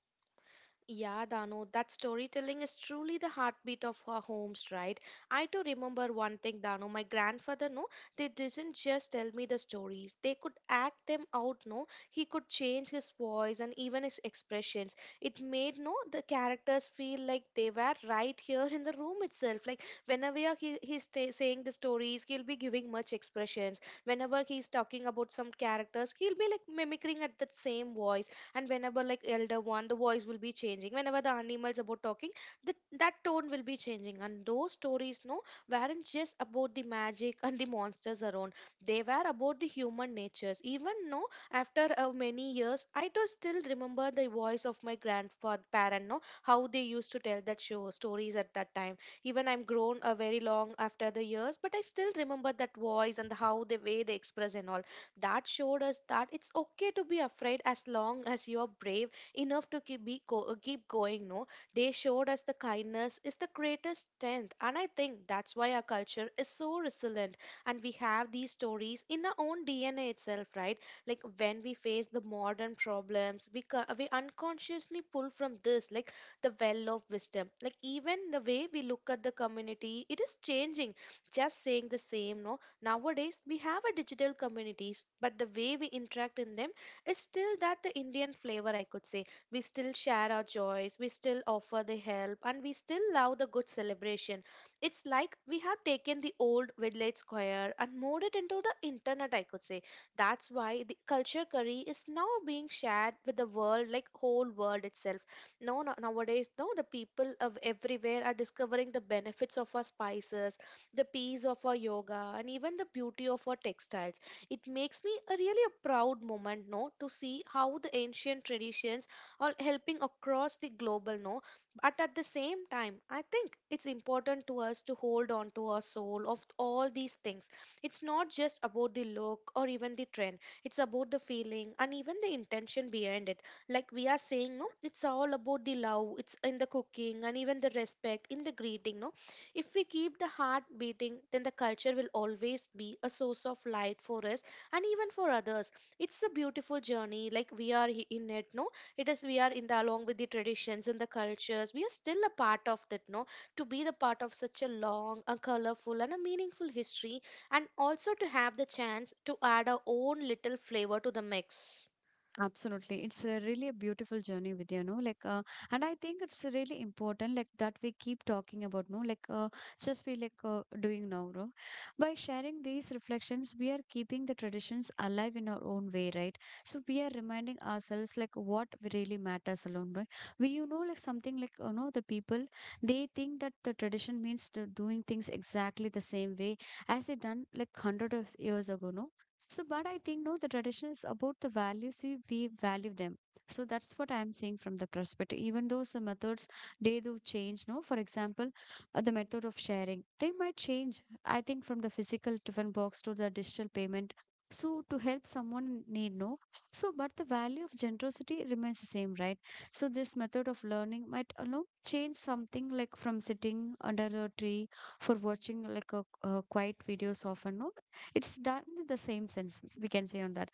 Speaker 2: Yeah, Danu, that storytelling is truly the heartbeat of our homes, right? I too remember one thing, Danu. My grandfather, no, they didn't just tell me the stories. They could act them out, no. He could change his voice and even his expressions. It made, no, the characters feel like they were right here in the room itself. Like whenever he, saying the stories, he'll be giving much expressions. Whenever he's talking about some characters, he'll be like mimicking at that same voice, and whenever like elder one, the voice will be changing, whenever the animals about talking, the, that tone will be changing. And those stories, no, weren't just about the magic and the monsters around, they were about the human natures. Even no, after many years, I do still remember the voice of my grandfather parent, no, how they used to tell that show stories at that time. Even I'm grown a very long after the years, but I still remember that voice and the how the way they express and all. That showed us that it's okay to be afraid as long as you're brave enough to keep going. No, they showed us the kindness is the greatest strength, and I think that's why our culture is so resilient. And we have these stories in our own DNA itself, right? Like when we face the modern problems, we unconsciously pull from this, like the well of wisdom. Like even the way we look at the community, it is changing. Just saying the same, no. Nowadays, we have a digital communities, but the way we interact in them is still that the Indian flavor, I could say. We still share our joys, we still offer the help, and we still love the good celebration. It's like we have taken the old village square and moved it into the internet, I could say. That's why the culture curry is now being shared with the world, like whole world itself. No, nowadays, no, the people of everywhere are discovering the benefits of our spices, the peace of our yoga, and even the beauty of our textiles. It makes me a really a proud moment, no, to see how the ancient traditions are helping across the global, no. But at the same time, I think it's important to us to hold on to our soul of all these things. It's not just about the look or even the trend. It's about the feeling and even the intention behind it. Like we are saying, no, it's all about the love. It's in the cooking and even the respect in the greeting, no, if we keep the heart beating, then the culture will always be a source of light for us and even for others. It's a beautiful journey, like we are in it, no? It is we are in the along with the traditions and the cultures. We are still a part of that, no? To be the part of such a long, a colorful, and a meaningful history, and also to have the chance to add our own little flavor to the mix.
Speaker 1: Absolutely. It's a really a beautiful journey with you know like and I think it's really important like that we keep talking about no like just we like doing now, no? By sharing these reflections we are keeping the traditions alive in our own way, right? So we are reminding ourselves like what we really matters alone, right? We you know like something like you know the people, they think that the tradition means to doing things exactly the same way as they done like hundred of years ago, no. So, but I think no, the tradition is about the values we value them. So that's what I'm saying from the perspective. Even though some methods they do change, no. For example, the method of sharing they might change. I think from the physical tiffin box to the digital payment. So to help someone in need, no. So, but the value of generosity remains the same, right? So this method of learning might, you know, change something like from sitting under a tree for watching like a, quiet videos often, no, it's done in the same sense, we can say on that.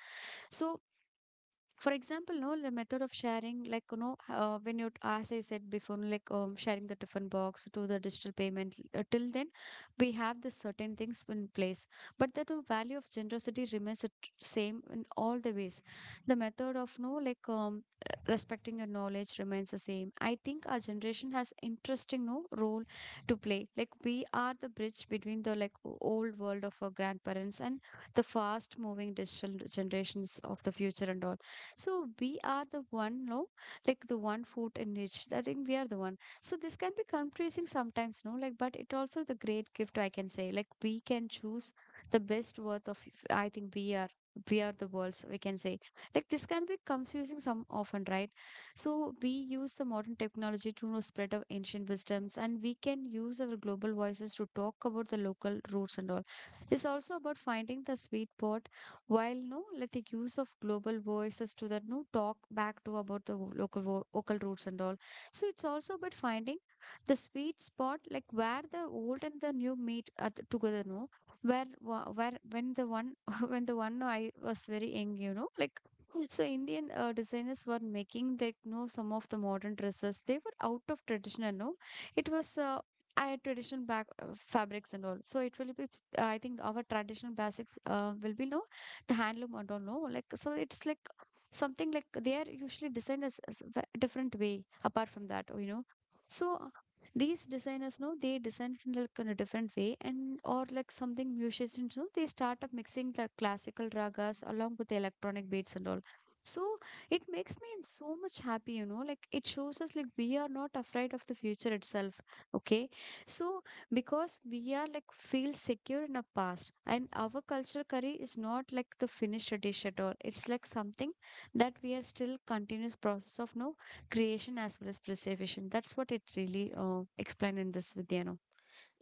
Speaker 1: So, for example no the method of sharing like you know when you as I said before no, like sharing the tiffin box to the digital payment till then we have the certain things in place, but that the value of generosity remains the same in all the ways. The method of no like respecting your knowledge remains the same. I think our generation has interesting no role to play. Like we are the bridge between the like old world of our grandparents and the fast moving digital generations of the future and all. So we are the one, no, like the one foot in each. I think we are the one. So this can be confusing sometimes, no, like, but it also the great gift I can say. Like we can choose the best worth of. I think we are. We are the worlds, we can say. Like this can be confusing some often, right? So we use the modern technology to know spread of ancient wisdoms, and we can use our global voices to talk about the local roots and all. It's also about finding the sweet spot while no, like the use of global voices to that no talk back to about the local local roots and all. So it's also about finding the sweet spot, like where the old and the new meet at together. No, where when the one when the one I was very young, you know, like so Indian designers were making like no some of the modern dresses. They were out of traditional. No, it was. I had traditional back fabrics and all, so it will be. I think our traditional basic will be no the handloom, I don't know. Like, so it's like something like they are usually designed as a different way apart from that, you know. So these designers know they design it in like in a different way and or like something musicians know they start up mixing like classical ragas along with the electronic beats and all. So it makes me so much happy, you know, like it shows us like we are not afraid of the future itself. Okay. So because we are like feel secure in our past and our culture curry is not like the finished dish at all, it's like something that we are still continuous process of no creation as well as preservation. That's what it really explained in this vidya.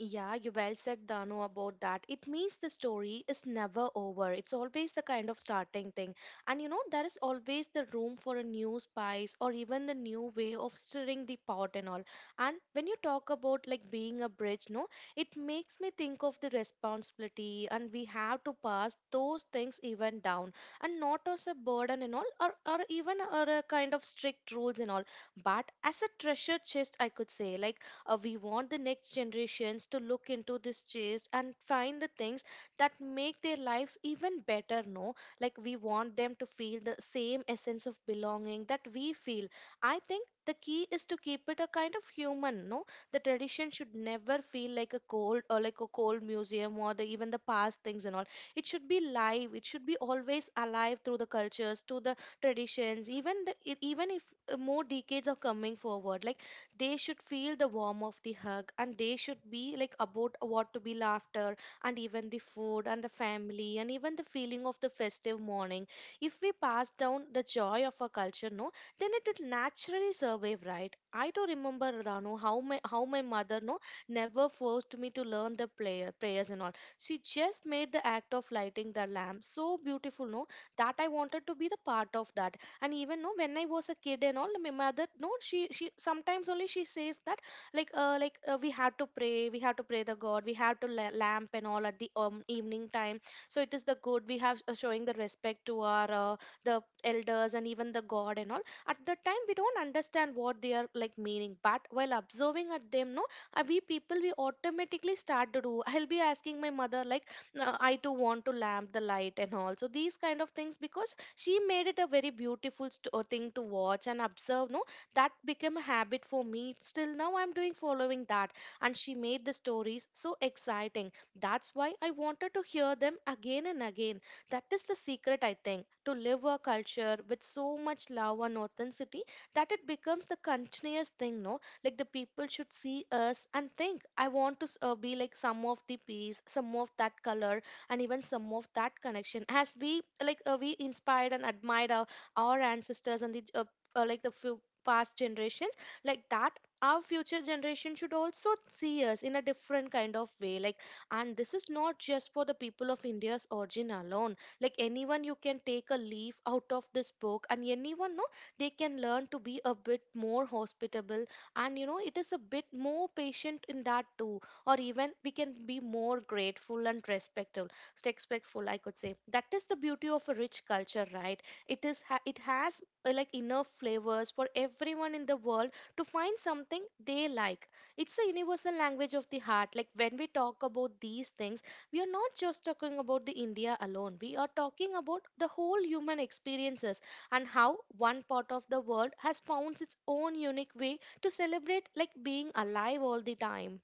Speaker 2: Yeah, you well said, Danu, about that. It means the story is never over. It's always the kind of starting thing. And you know, there is always the room for a new spice or even the new way of stirring the pot and all. And when you talk about like being a bridge, no, it makes me think of the responsibility and we have to pass those things even down, and not as a burden and all, or even or a kind of strict rules and all, but as a treasure chest, I could say. Like, we want the next generations to look into this chase and find the things that make their lives even better, no? Like we want them to feel the same essence of belonging that we feel. I think the key is to keep it a kind of human, no? The tradition should never feel like a cold or like a cold museum or the, even the past things and all. It should be live. It should be always alive through the cultures, through the traditions, even the, even if more decades are coming forward. Like they should feel the warmth of the hug and they should be like about what to be laughter and even the food and the family and even the feeling of the festive morning if we pass down the joy of our culture, no, then it will naturally survive, right? I do remember Rano, how my mother, no, never forced me to learn the prayers and all. She just made the act of lighting the lamp so beautiful, no, that I wanted to be the part of that. And even no, when I was a kid and all, my mother no, she sometimes only she says that like we have to pray the god, we have to lamp and all at the evening time. So it is the good we have showing the respect to our the elders and even the god and all. At the time we don't understand what they are like meaning, but while observing at them, no, we people we automatically start to do. I'll be asking my mother like, "No, I too want to lamp the light and all, so these kind of things," because she made it a very beautiful thing to watch and observe, no, that became a habit for me. Still now I'm doing following that, and she made the stories so exciting, that's why I wanted to hear them again and again. That is the secret, I think, to live a culture with so much love and authenticity that it becomes the continuous thing, no, like the people should see us and think, I want to be like some of the piece, some of that color, and even some of that connection. As we, like, we inspired and admired our ancestors and the like the few past generations, like that, our future generation should also see us in a different kind of way, like, and this is not just for the people of India's origin alone. Like anyone, you can take a leaf out of this book, and anyone, no, they can learn to be a bit more hospitable, and you know, it is a bit more patient in that too, or even we can be more grateful and respectful, I could say. That is the beauty of a rich culture, right? It is ha- it has like enough flavors for everyone in the world to find something they like. It's a universal language of the heart. Like when we talk about these things, we are not just talking about the India alone, we are talking about the whole human experiences and how one part of the world has found its own unique way to celebrate like being alive all the time.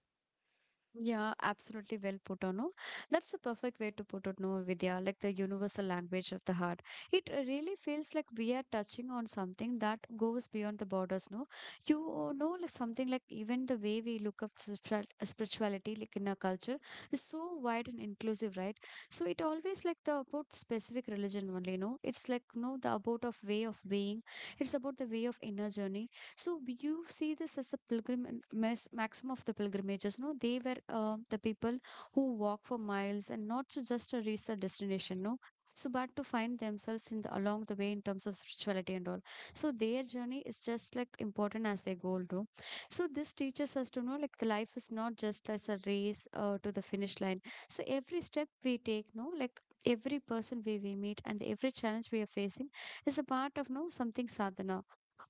Speaker 1: Yeah, absolutely well put on. No, that's the perfect way to put it. No, Vidya, like the universal language of the heart. It really feels like we are touching on something that goes beyond the borders. No, you know, like something like even the way we look up spirituality, like in our culture, is so wide and inclusive, right? So it always like the about specific religion only. No, it's like no the about of way of being. It's about the way of inner journey. So we- you see this as a pilgrim and maxim of the pilgrimages. No, they were the people who walk for miles and not to just to reach the destination. No. So, but to find themselves in the, along the way in terms of spirituality and all. So, their journey is just like important as their goal, no? So, this teaches us to know like the life is not just as a race to the finish line. So, every step we take, no, like every person we meet and every challenge we are facing is a part of no something sadhana,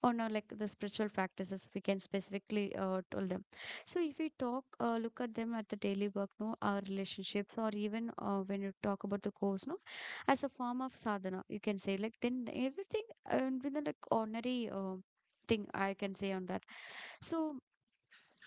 Speaker 1: or not like the spiritual practices we can specifically tell them. So if we talk look at them at the daily work no our relationships, or even when you talk about the course no as a form of sadhana you can say like then everything within like ordinary thing I can say on that. So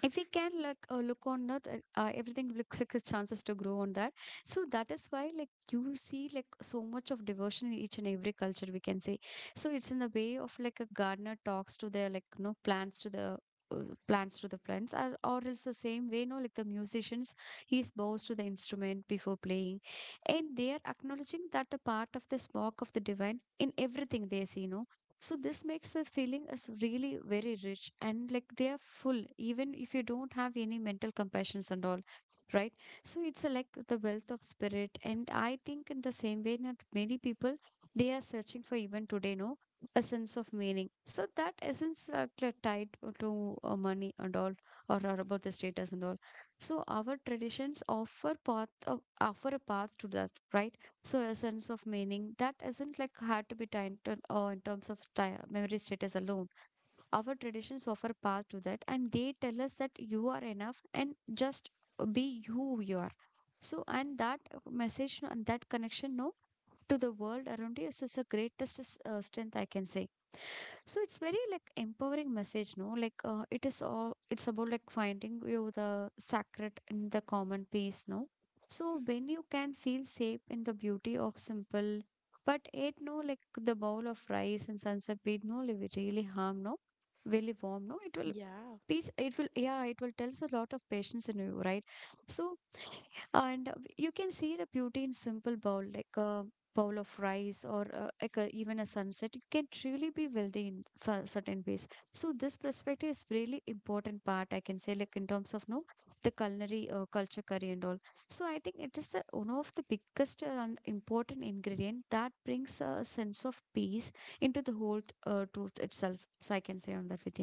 Speaker 1: if we can like look on that everything looks like his chances to grow on that. So that is why like you see like so much of devotion in each and every culture we can say. So it's in the way of like a gardener talks to their like no plants to the uh, plants to the plants, or else the same way no like the musicians, he bows to the instrument before playing and they are acknowledging that the part of the spark of the divine in everything they see, no. So this makes the feeling as really very rich and like they are full, even if you don't have any mental compassions and all, right? So it's a, like the wealth of spirit, and I think in the same way that many people they are searching for even today, no, a sense of meaning. So that essence are tied to money and all, or are about the status and all. So our traditions offer path, offer a path to that, right? So a sense of meaning that isn't like hard to be tied to, or in terms of memory status alone, our traditions offer path to that and they tell us that you are enough and just be who you are. So and that message and that connection no to the world around you is the greatest strength I can say. So it's very like empowering message no like it is all it's about like finding you the sacred in the common peace no. So when you can feel safe in the beauty of simple, but it no like the bowl of rice and sunset beat no will really harm no really warm no it will
Speaker 2: Yeah.
Speaker 1: peace it will yeah it will tells a lot of patience in you, right? So and you can see the beauty in simple bowl like a bowl of rice or like a, even a sunset, you can truly be wealthy in certain ways. So this perspective is really important part I can say like in terms of no the culinary culture curry and all. So I think it is the one of the biggest and important ingredient that brings a sense of peace into the whole truth itself, so I can say on that with.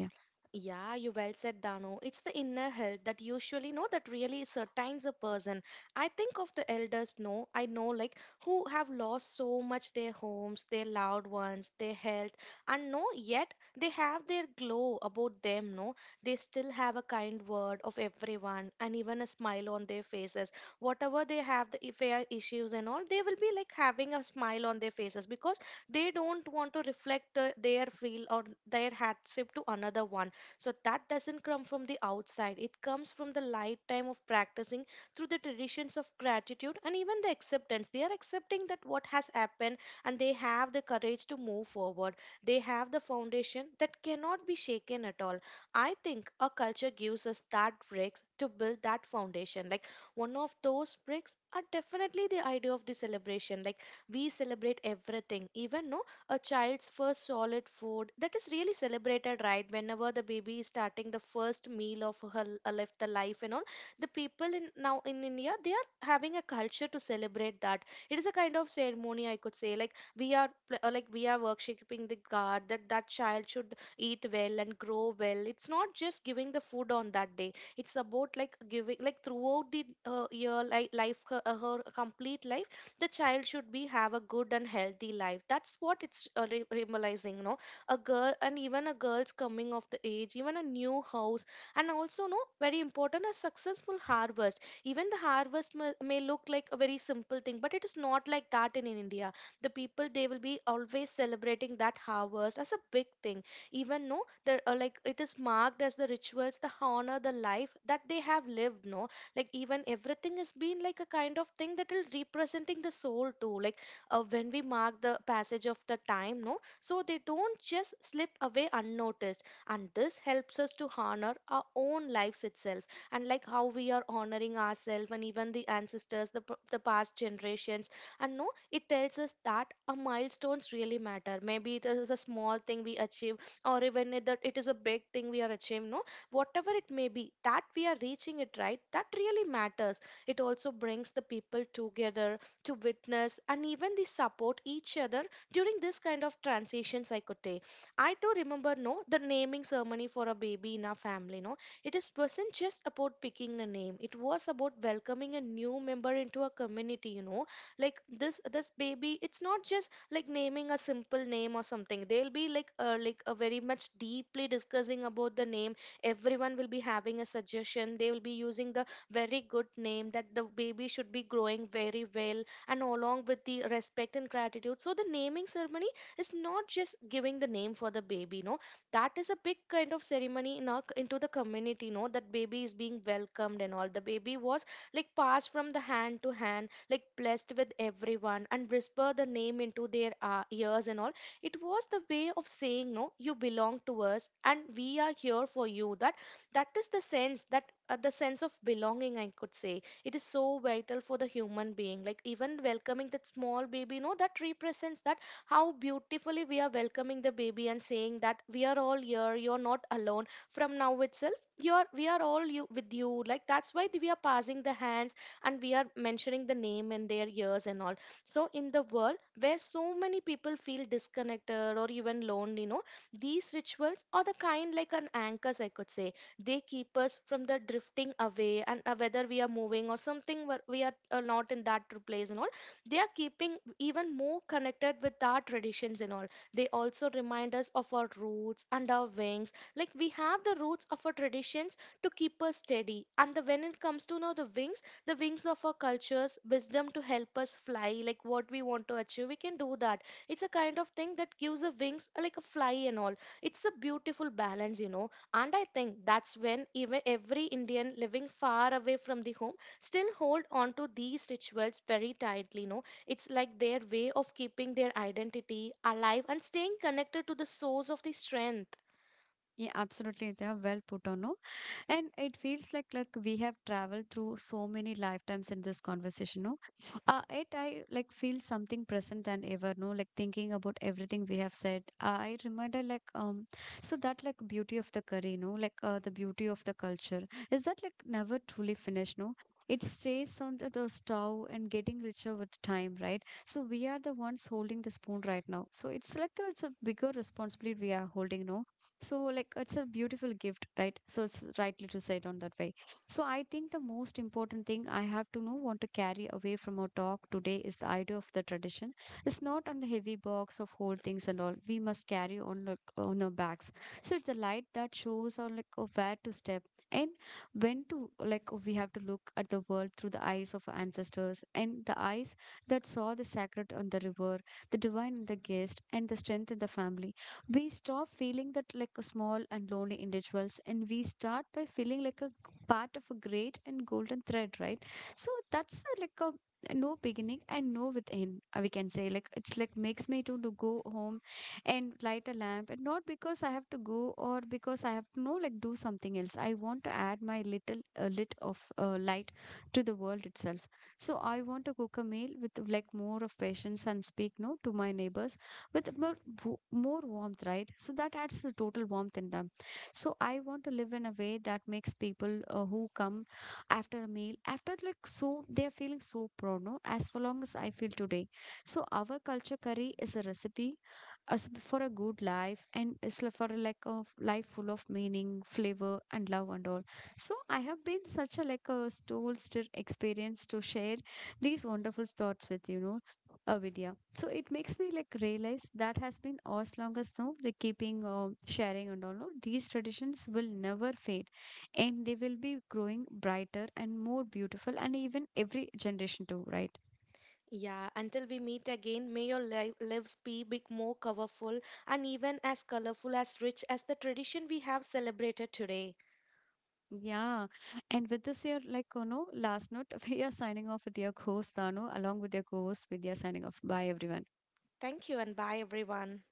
Speaker 2: Yeah, you well said, Dano. It's the inner health that usually know that really certains a person. I think of the elders, no, I know, like, who have lost so much, their homes, their loved ones, their health, and no, yet they have their glow about them, no. They still have a kind word of everyone and even a smile on their faces. Whatever they have, the if they are issues and all, they will be like having a smile on their faces because they don't want to reflect the, their feel or their hardship to another one. So that doesn't come from the outside. It comes from the lifetime of practicing through the traditions of gratitude and even the acceptance. They are accepting that what has happened, and they have the courage to move forward. They have the foundation that cannot be shaken at all. I think a culture gives us that bricks to build that foundation. Like one of those bricks are definitely the idea of the celebration. Like we celebrate everything, even no, a child's first solid food, that is really celebrated, right? Whenever the baby is starting the first meal of her life, the life and all, the people in now in India they are having a culture to celebrate that. It is a kind of ceremony, I could say, like we are like we are worshipping the god that that child should eat well and grow well. It's not just giving the food on that day, it's about like giving like throughout the year, like life, her, her complete life, the child should be have a good and healthy life. That's what it's realizing, you know. A girl and even a girl's coming of the age, even a new house, and also no, very important, a successful harvest. Even the harvest may look like a very simple thing, but it is not like that in India. The people, they will be always celebrating that harvest as a big thing. Even no, the like it is marked as the rituals, the honor, the life that they have lived, no, like even everything has been like a kind of thing that will representing the soul too. Like when we mark the passage of the time, no, so they don't just slip away unnoticed, and this helps us to honor our own lives itself, and like how we are honoring ourselves and even the ancestors, the, the past generations. And no, it tells us that our milestones really matter. Maybe it is a small thing we achieve, or even that it is a big thing we are achieving, no, whatever it may be, that we are reaching it, right? That really matters. It also brings the people together to witness and even they support each other during this kind of transitions, I could say. I do remember no, the naming ceremony for a baby in our family no, it is wasn't just about picking a name, it was about welcoming a new member into a community, you know. Like this baby, it's not just like naming a simple name or something. They'll be like a very much deeply discussing about the name. Everyone will be having a suggestion, they will be using the very good name that the baby should be growing very well and along with the respect and gratitude. So the naming ceremony is not just giving the name for the baby, no, that is a big kind of ceremony in our, into the community, no, that baby is being welcomed and all. The baby was like passed from the hand to hand, like blessed with everyone, and whisper the name into their ears and all. It was the way of saying, no, you belong to us and we are here for you. That, that is the sense that the sense of belonging, I could say, it is so vital for the human being. Like even welcoming that small baby no, that represents that, how beautifully we are welcoming the baby and saying that we are all here, you're not alone, from now itself, you're we are all you with you, like that's why we are passing the hands and we are mentioning the name in their ears and all. So, in the world where so many people feel disconnected or even lonely, you know, these rituals are the kind like an anchors, I could say. They keep us from the drifting away, and whether we are moving or something, where we are not in that place and all, they are keeping even more connected with our traditions and all. They also remind us of our roots and our wings. Like we have the roots of our traditions to keep us steady, and the when it comes to now the wings, the wings of our cultures, wisdom to help us fly, like what we want to achieve. We can do that. It's a kind of thing that gives a wings, like a fly and all. It's a beautiful balance, you know. And I think that's when even every Indian living far away from the home still hold on to these rituals very tightly, you know. It's like their way of keeping their identity alive and staying connected to the source of the strength.
Speaker 1: Yeah, absolutely they are well put on, no. And it feels like we have traveled through so many lifetimes in this conversation, no. It I like feel something present than ever, no, like thinking about everything we have said. I remember like so that like beauty of the curry no like the beauty of the culture is that like never truly finished, no. It stays on the stove and getting richer with time, right? So we are the ones holding the spoon right now, so it's like a, it's a bigger responsibility we are holding no. So, like, it's a beautiful gift, right? So, it's rightly to say it on that way. So, I think the most important thing I have to know, want to carry away from our talk today is the idea of the tradition. It's not on the heavy box of whole things and all. We must carry on like, on our backs. So, it's a light that shows on like of where to step, and when to like we have to look at the world through the eyes of our ancestors and the eyes that saw the sacred on the river, the divine in the guest, and the strength in the family. We stop feeling that like a small and lonely individuals, and we start by feeling like a part of a great and golden thread, right? So that's a, like a no beginning and no with end we can say like it's like makes me to go home and light a lamp, and not because I have to go or because I have to know like do something else. I want to add my little lit of light to the world itself. So I want to cook a meal with like more of patience and speak no to my neighbors with more, more warmth, right? So that adds the total warmth in them. So I want to live in a way that makes people who come after a meal, after like so, they are feeling so proud, no? As for long as I feel today. So our culture curry is a recipe as for a good life, and it's for a like a life full of meaning, flavor, and love and all. So I have been such a like a soul stir experience to share these wonderful thoughts with you know. Avidya. So it makes me like realize that has been as long as now the keeping sharing and all no? These traditions will never fade, and they will be growing brighter and more beautiful and even every generation too, right?
Speaker 2: Yeah, until we meet again, may your lives be big, more colorful, and even as colorful as rich as the tradition we have celebrated today.
Speaker 1: Yeah, and with this year like you know last note we are signing off with your host Dano along with your co-host Vidya, signing off, bye everyone.
Speaker 2: Thank you and bye, everyone.